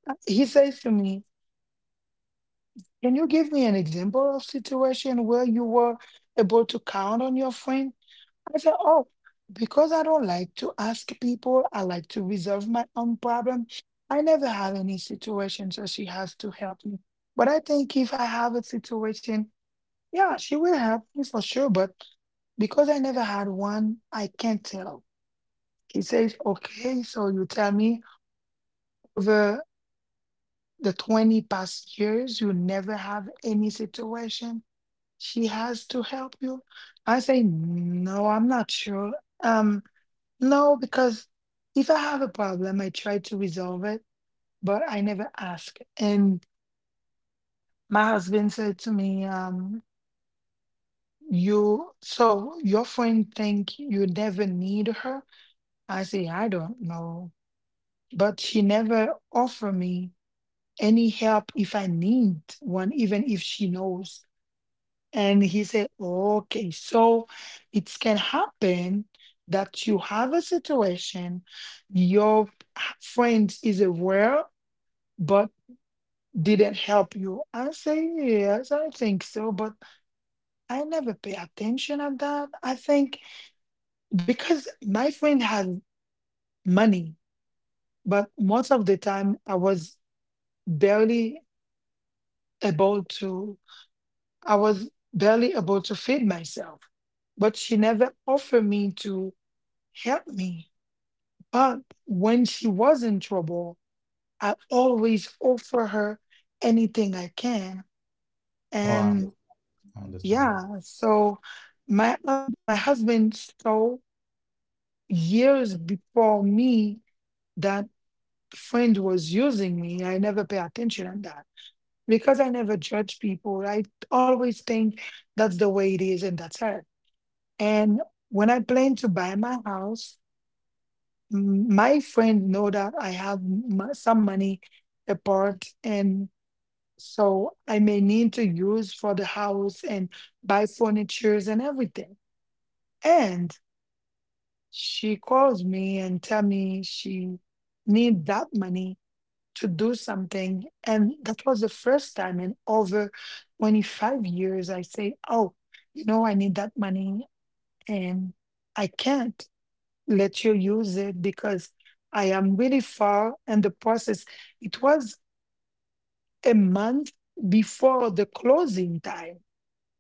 Speaker 2: he says to me, can you give me an example of situation where you were able to count on your friend? I said, oh, because I don't like to ask people, I like to resolve my own problem. I never have any situation, so she has to help me. But I think if I have a situation, yeah, she will help me for sure. But because I never had one, I can't tell. He says, okay, so you tell me, over the 20 past years, you never have any situation. She has to help you. I say, no, I'm not sure. Um. No, because if I have a problem, I try to resolve it, but I never ask. And my husband said to me, so your friend think you never need her? I say, I don't know. But she never offer me any help if I need one, even if she knows. And he said, okay, so it can happen that you have a situation, your friend is aware but did it help you? I say, yes, I think so, but I never pay attention at that. I think because my friend had money, but most of the time I was barely able to, I was barely able to feed myself, but she never offered me to help me. But when she was in trouble, I always offer her anything I can.
Speaker 1: Oh,
Speaker 2: And.
Speaker 1: I understand.
Speaker 2: Yeah, so my husband saw years before me that friend was using me. I never pay attention on that because I never judge people. I always think that's the way it is and that's it. And when I plan to buy my house, my friend know that I have some money apart and so I may need to use for the house and buy furnitures and everything. And she calls me and tell me she need that money to do something. And that was the first time in over 25 years I say, oh, you know, I need that money and I can't let you use it because I am really far in the process. It was a month before the closing time,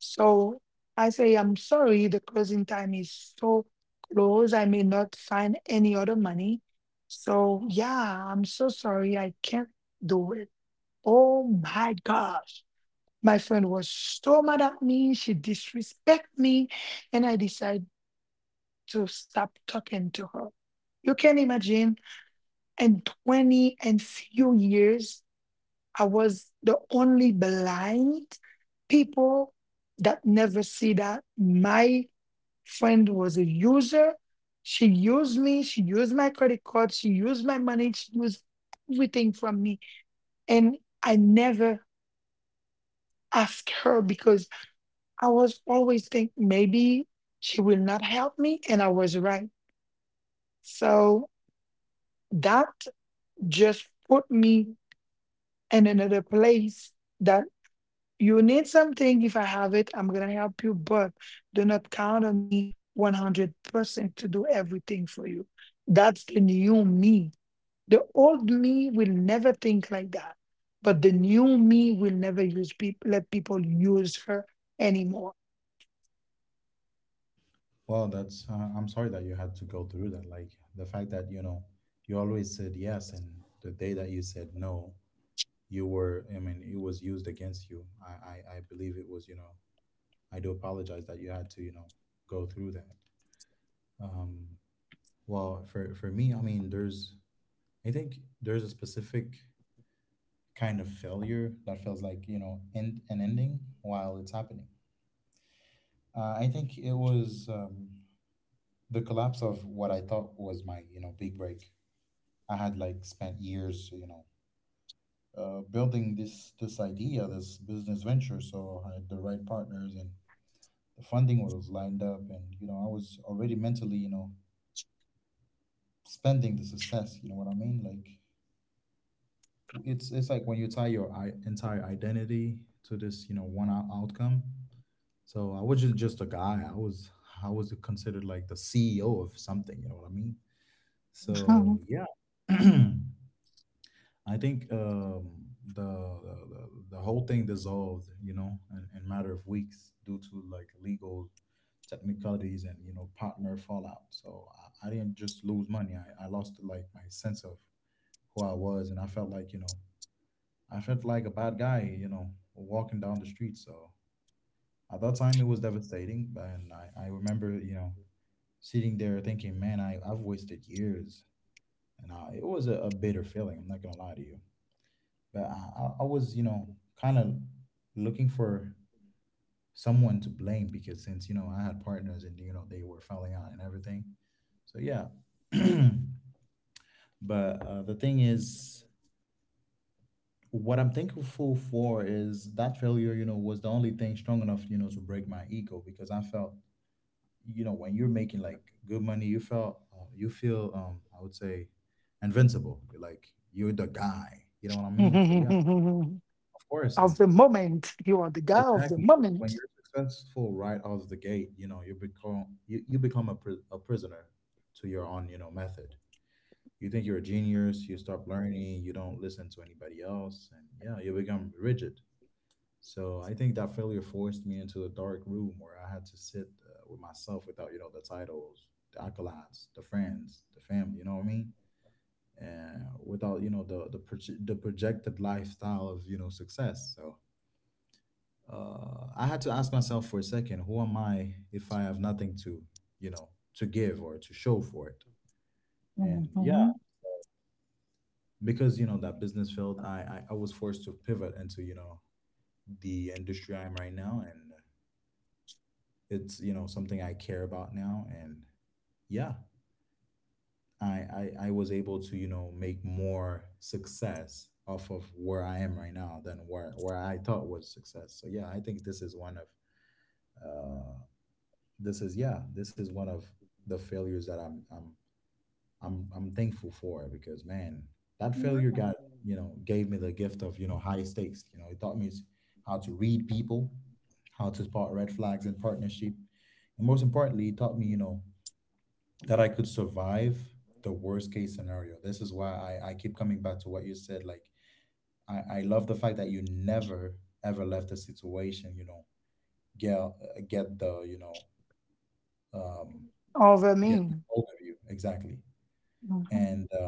Speaker 2: so I say, I'm sorry, the closing time is so close. I may not find any other money. So yeah, I'm so sorry. I can't do it. Oh my gosh. My friend was so mad at me. She disrespect me. And I decided to stop talking to her. You can imagine in 20 and few years, I was the only blind people that never see that my friend was a user. She used me, she used my credit card, she used my money, she used everything from me. And I never asked her because I was always think maybe she will not help me. And I was right. So that just put me in another place that you need something. If I have it, I'm going to help you, but do not count on me 100% to do everything for you. That's the new me. The old me will never think like that, but the new me will never use people let people use her anymore.
Speaker 1: Well, that's. I'm sorry that you had to go through that. Like, the fact that, you know, you always said yes, and the day that you said no, you were, I mean, it was used against you. I believe it was, you know, I do apologize that you had to, you know, go through that. um well, for me, I mean, there's I think there's a specific kind of failure that feels like, you know, end an ending while it's happening. I think it was the collapse of what I thought was my, you know, big break. I had like spent years, you know, building this this idea, this business venture. So I had the right partners and the funding was lined up, and you know, I was already mentally, you know, spending the success. You know what I mean? Like, it's like when you tie your entire identity to this, you know, outcome. So I wasn't just a guy, I was I was considered like the CEO of something, you know what I mean?
Speaker 2: (laughs)
Speaker 1: So
Speaker 2: Of
Speaker 1: yeah. (clears throat) I think the whole thing dissolved, you know, in matter of weeks, due to like legal technicalities and you know, partner fallout. So I didn't just lose money. I lost like my sense of who I was, and I felt like, you know, I felt like a bad guy, you know, walking down the street. So at that time it was devastating, but, and I remember, you know, sitting there thinking, man, I've wasted years, and it was a bitter feeling. I'm not gonna lie to you. But I was, you know, kind of looking for someone to blame, because, since, you know, I had partners and, you know, they were falling out and everything. So, yeah. (clears throat) But the thing is, what I'm thankful for is that failure, you know, was the only thing strong enough, you know, to break my ego. Because I felt, you know, when you're making like good money, you felt, you feel, I would say, invincible. You're like, you're the guy. You know what I mean? So, yeah, of course. And
Speaker 2: the moment, you are the guy of the
Speaker 1: exactly. 'Cause when
Speaker 2: moment.
Speaker 1: you're successful right out of the gate, you know, you become a, a prisoner to your own, you know, method. You think you're a genius, you stop learning, you don't listen to anybody else, and yeah, you become rigid. So I think that failure forced me into a dark room where I had to sit with myself without, you know, the titles, the accolades, the friends, the family, you know what I mean? And without, you know, the projected lifestyle of, you know, success. So I had to ask myself for a second, who am I if I have nothing to, you know, to give or to show for it? And yeah,
Speaker 2: Mhm.
Speaker 1: because you know that business field, I was forced to pivot into, you know, the industry I'm right now, and it's, you know, something I care about now, and yeah, I was able to, you know, make more success off of where I am right now than where I thought was success. So yeah, I think this is one of. Uh, this is, yeah, this is one of the failures that I'm thankful for, because man, that failure got, you know, gave me the gift of, you know, high stakes. You know, it taught me how to read people, how to spot red flags in partnership, and most importantly, it taught me, you know, that I could survive the worst case scenario. This is why I keep coming back to what you said. Like, I love the fact that you never ever left a situation. You know, get the, you know, um,
Speaker 2: Over
Speaker 1: get
Speaker 2: me.
Speaker 1: hold of you, exactly.
Speaker 2: Mhm.
Speaker 1: And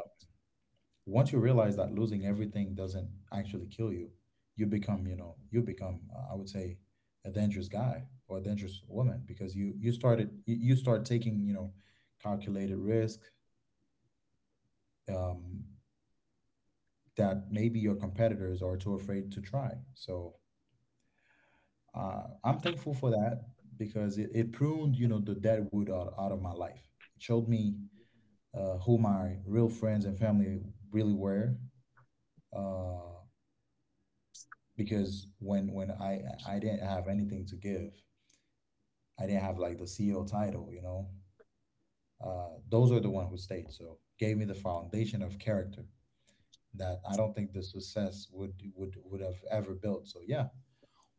Speaker 1: once you realize that losing everything doesn't actually kill you, you become, you know, you become, I would say, a dangerous guy or a dangerous woman, because you start taking, you know, calculated risk, um, that maybe your competitors are too afraid to try. So I'm thankful for that because it pruned, you know, the dead wood out, out of my life. It showed me who my real friends and family really were. uh, because when I didn't have anything to give, I didn't have like the CEO title, you know. Those are the one who stayed. So, gave me the foundation of character that I don't think the success would would have ever built. So yeah,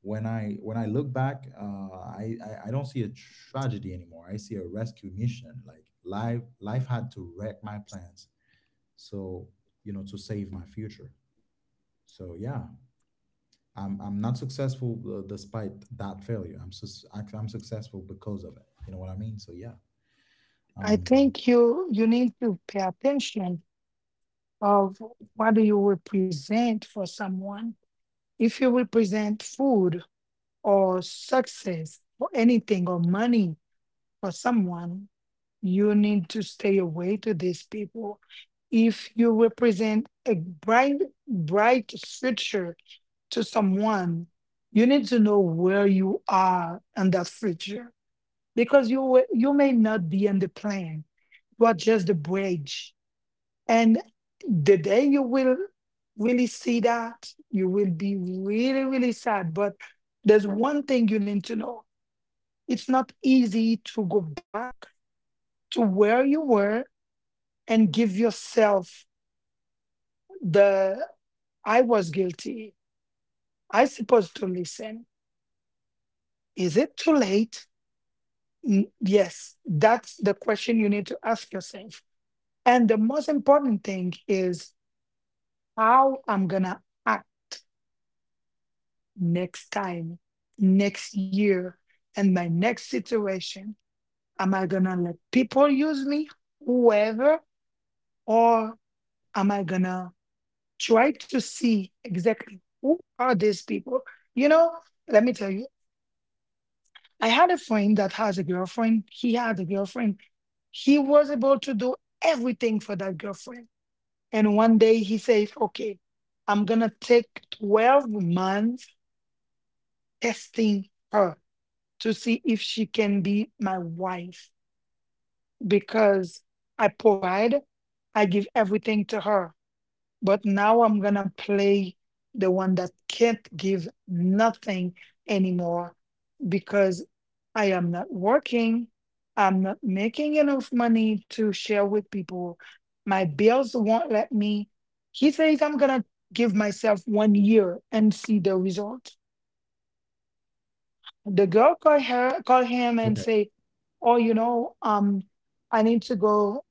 Speaker 1: when I look back, I don't see a tragedy anymore. I see a rescue mission. Like, life had to wreck my plans. So, you know, to save my future. So yeah, I'm not successful, despite that failure. I'm I'm successful because of it. You know what I mean? So yeah.
Speaker 2: I
Speaker 1: Um.
Speaker 2: think you need to pay attention of what do you represent for someone. If you represent food or success or anything or money for someone, you need to stay away to these people. If you represent a bright, bright future to someone, you need to know where you are in that future because you may not be in the plan. You are just the bridge, and the day you will really see that, you will be really really sad. But there's one thing you need to know: it's not easy to go back to where you were and give yourself the I was guilty. I supposed to listen. Is it too late? Yes, that's the question you need to ask yourself. And the most important thing is how I'm gonna act next time, next year, and my next situation. Am I gonna let people use me, whoever, or am I gonna try to see exactly who are these people. You know, let me tell you, I had a friend that has a girlfriend. He had a girlfriend. He was able to do everything for that girlfriend. And one day he says, okay, I'm going to take 12 months testing her to see if she can be my wife because I provide, I give everything to her. But now I'm gonna play the one that can't give nothing anymore because I am not working. I'm not making enough money to share with people. My bills won't let me. He says I'm gonna give myself one year and see the result. The girl call him and
Speaker 1: Okay.
Speaker 2: say, oh, you know, I need to go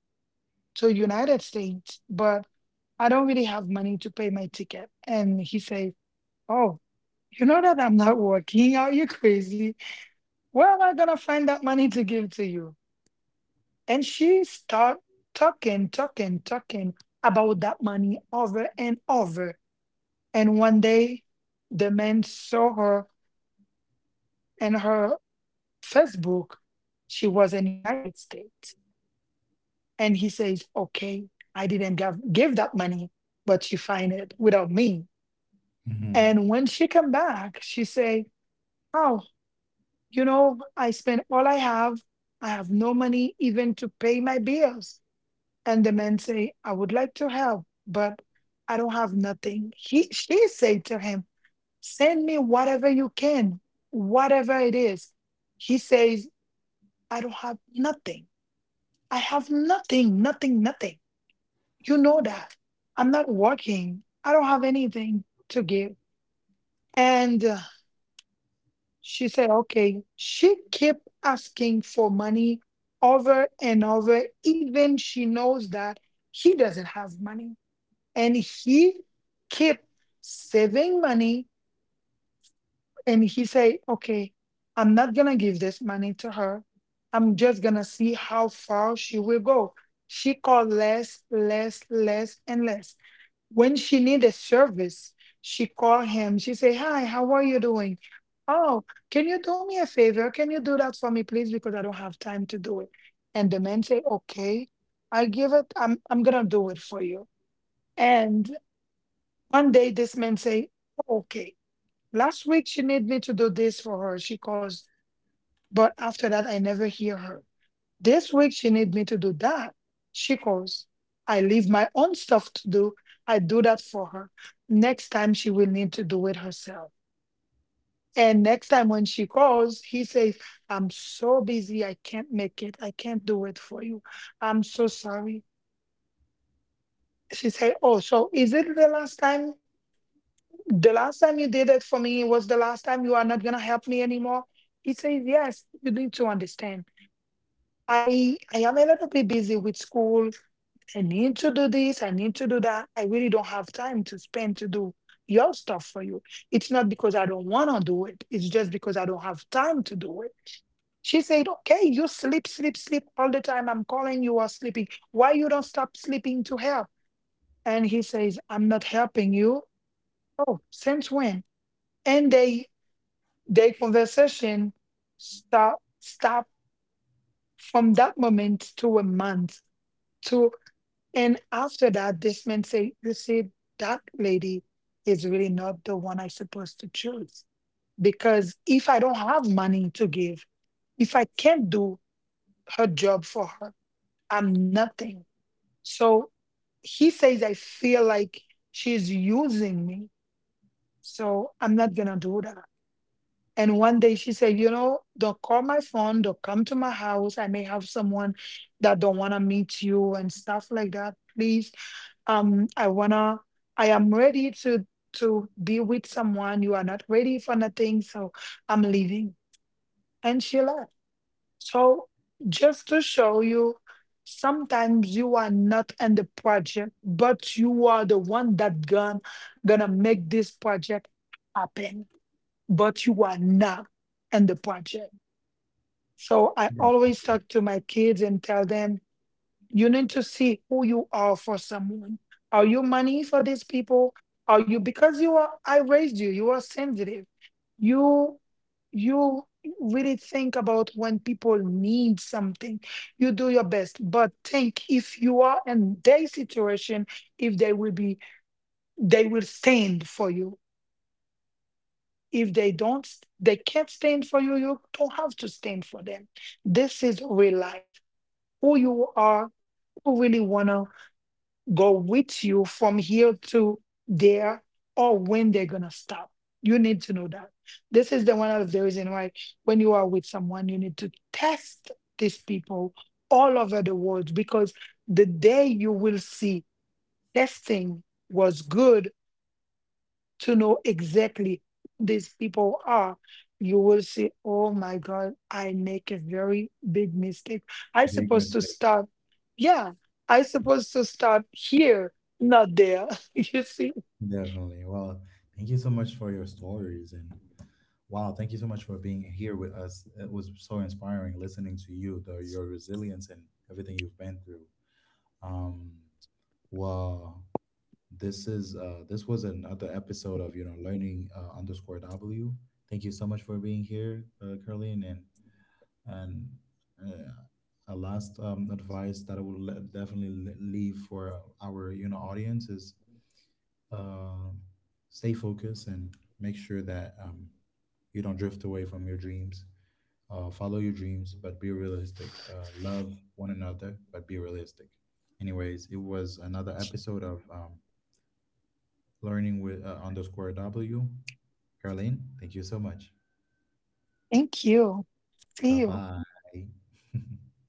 Speaker 2: to United States, but I don't really have money to pay my ticket. And he says, oh, you know that I'm not working. Are you crazy? Where am I gonna find that money to give to you? And she start talking, talking, talking about that money over and over. And one day, the man saw her and her Facebook. She was in United States, and he says, "Okay, I didn't give, give that money, but she find it without me."
Speaker 1: Hmm.
Speaker 2: And when she come back, she say, "Oh, you know, I spend all I have. I have no money even to pay my bills." And the man say, I would like to help, but I don't have nothing. He She said to him, send me whatever you can, whatever it is. He says, I don't have nothing. I have nothing, nothing, nothing. You know that. I'm not working. I don't have anything to give. And. She said, okay. She kept asking for money over and over, even she knows that he doesn't have money. And he kept saving money. And he said, okay, I'm not going to give this money to her. I'm just going to see how far she will go. She called less, less, less, and less. When she needed service, she called him. She said, hi, how are you doing? Oh, can you do me a favor? Can you do that for me, please? Because I don't have time to do it. And the man say, okay, I'm gonna do it for you. And one day this man say, okay. Last week she needed me to do this for her. She calls, but after that I never hear her. This week she need me to do that. She calls. I leave my own stuff to do. I do that for her. Next time she will need to do it herself. And next time when she calls, he says, I'm so busy, I can't make it. I can't do it for you. I'm so sorry. She said, oh, so is it the last time? The last time you did it for me was the last time you are not gonna help me anymore? He says, yes, you need to understand. I am a little bit busy with school. I need to do this, I need to do that. I really don't have time to spend to do your stuff for you. It's not because I don't want to do it, it's just because I don't have time to do it. She said, okay, you sleep, sleep, sleep all the time. I'm calling you are sleeping. Why you don't stop sleeping to help? And he says, I'm not helping you. Oh, since when? And they their conversation stop from that moment to a month to. And after that, this man say, you see, that lady is really not the one I supposed to choose. Because if I don't have money to give, if I can't do her job for her, I'm nothing. So he says, I feel like she's using me. So I'm not gonna do that. And one day she said, you know, they'll call my phone, they'll come to my house. I may have someone that don't want to meet you and stuff like that. Please, um, I wanna, I am ready to be with someone. You are not ready for nothing, so I'm leaving. And she left. So just to show you, sometimes you are not in the project, but you are the one that gonna make this project happen but you are not in the project. So I
Speaker 1: Yeah.
Speaker 2: always
Speaker 1: Definitely.
Speaker 2: talk to my kids and tell them, you need to see who you are for someone. Are you money for these people? Are you because you are I raised you, you are sensitive. You you really think about when people need something. You do your best. But think if you are in their situation, if they will stand for you if they don't s- they can't stand for you you don't have to stand for them, this is real life, who you are, who really want to go with you from here to there or when they're gonna stop, you need to know that this is the one of the reason why when you are with someone you need to test these people all over the world because the day you will see testing was good to know exactly who these people are, you will say, oh my God, I make a very big mistake. I
Speaker 1: Big
Speaker 2: supposed to
Speaker 1: mistake.
Speaker 2: start, yeah, I supposed to start here, not there. (laughs) You see?
Speaker 1: Definitely. Well, thank you so much for your stories and wow, thank you so much for being here with us. It was so inspiring listening to you, the, your resilience and everything you've been through. Um. Wow. This is, this was another episode of, you know, learning underscore W. Thank you so much for being here, Caroline, and uh, a last advice that I will definitely leave for our, you know, audience is uh, stay focused and make sure that you don't drift away from your dreams. Follow your dreams, but be realistic. Love one another, but be realistic. Anyways, it was another episode of learning with underscore W. Caroline, thank you so much.
Speaker 2: Thank you. See
Speaker 1: Bye
Speaker 2: you.
Speaker 1: bye. (laughs)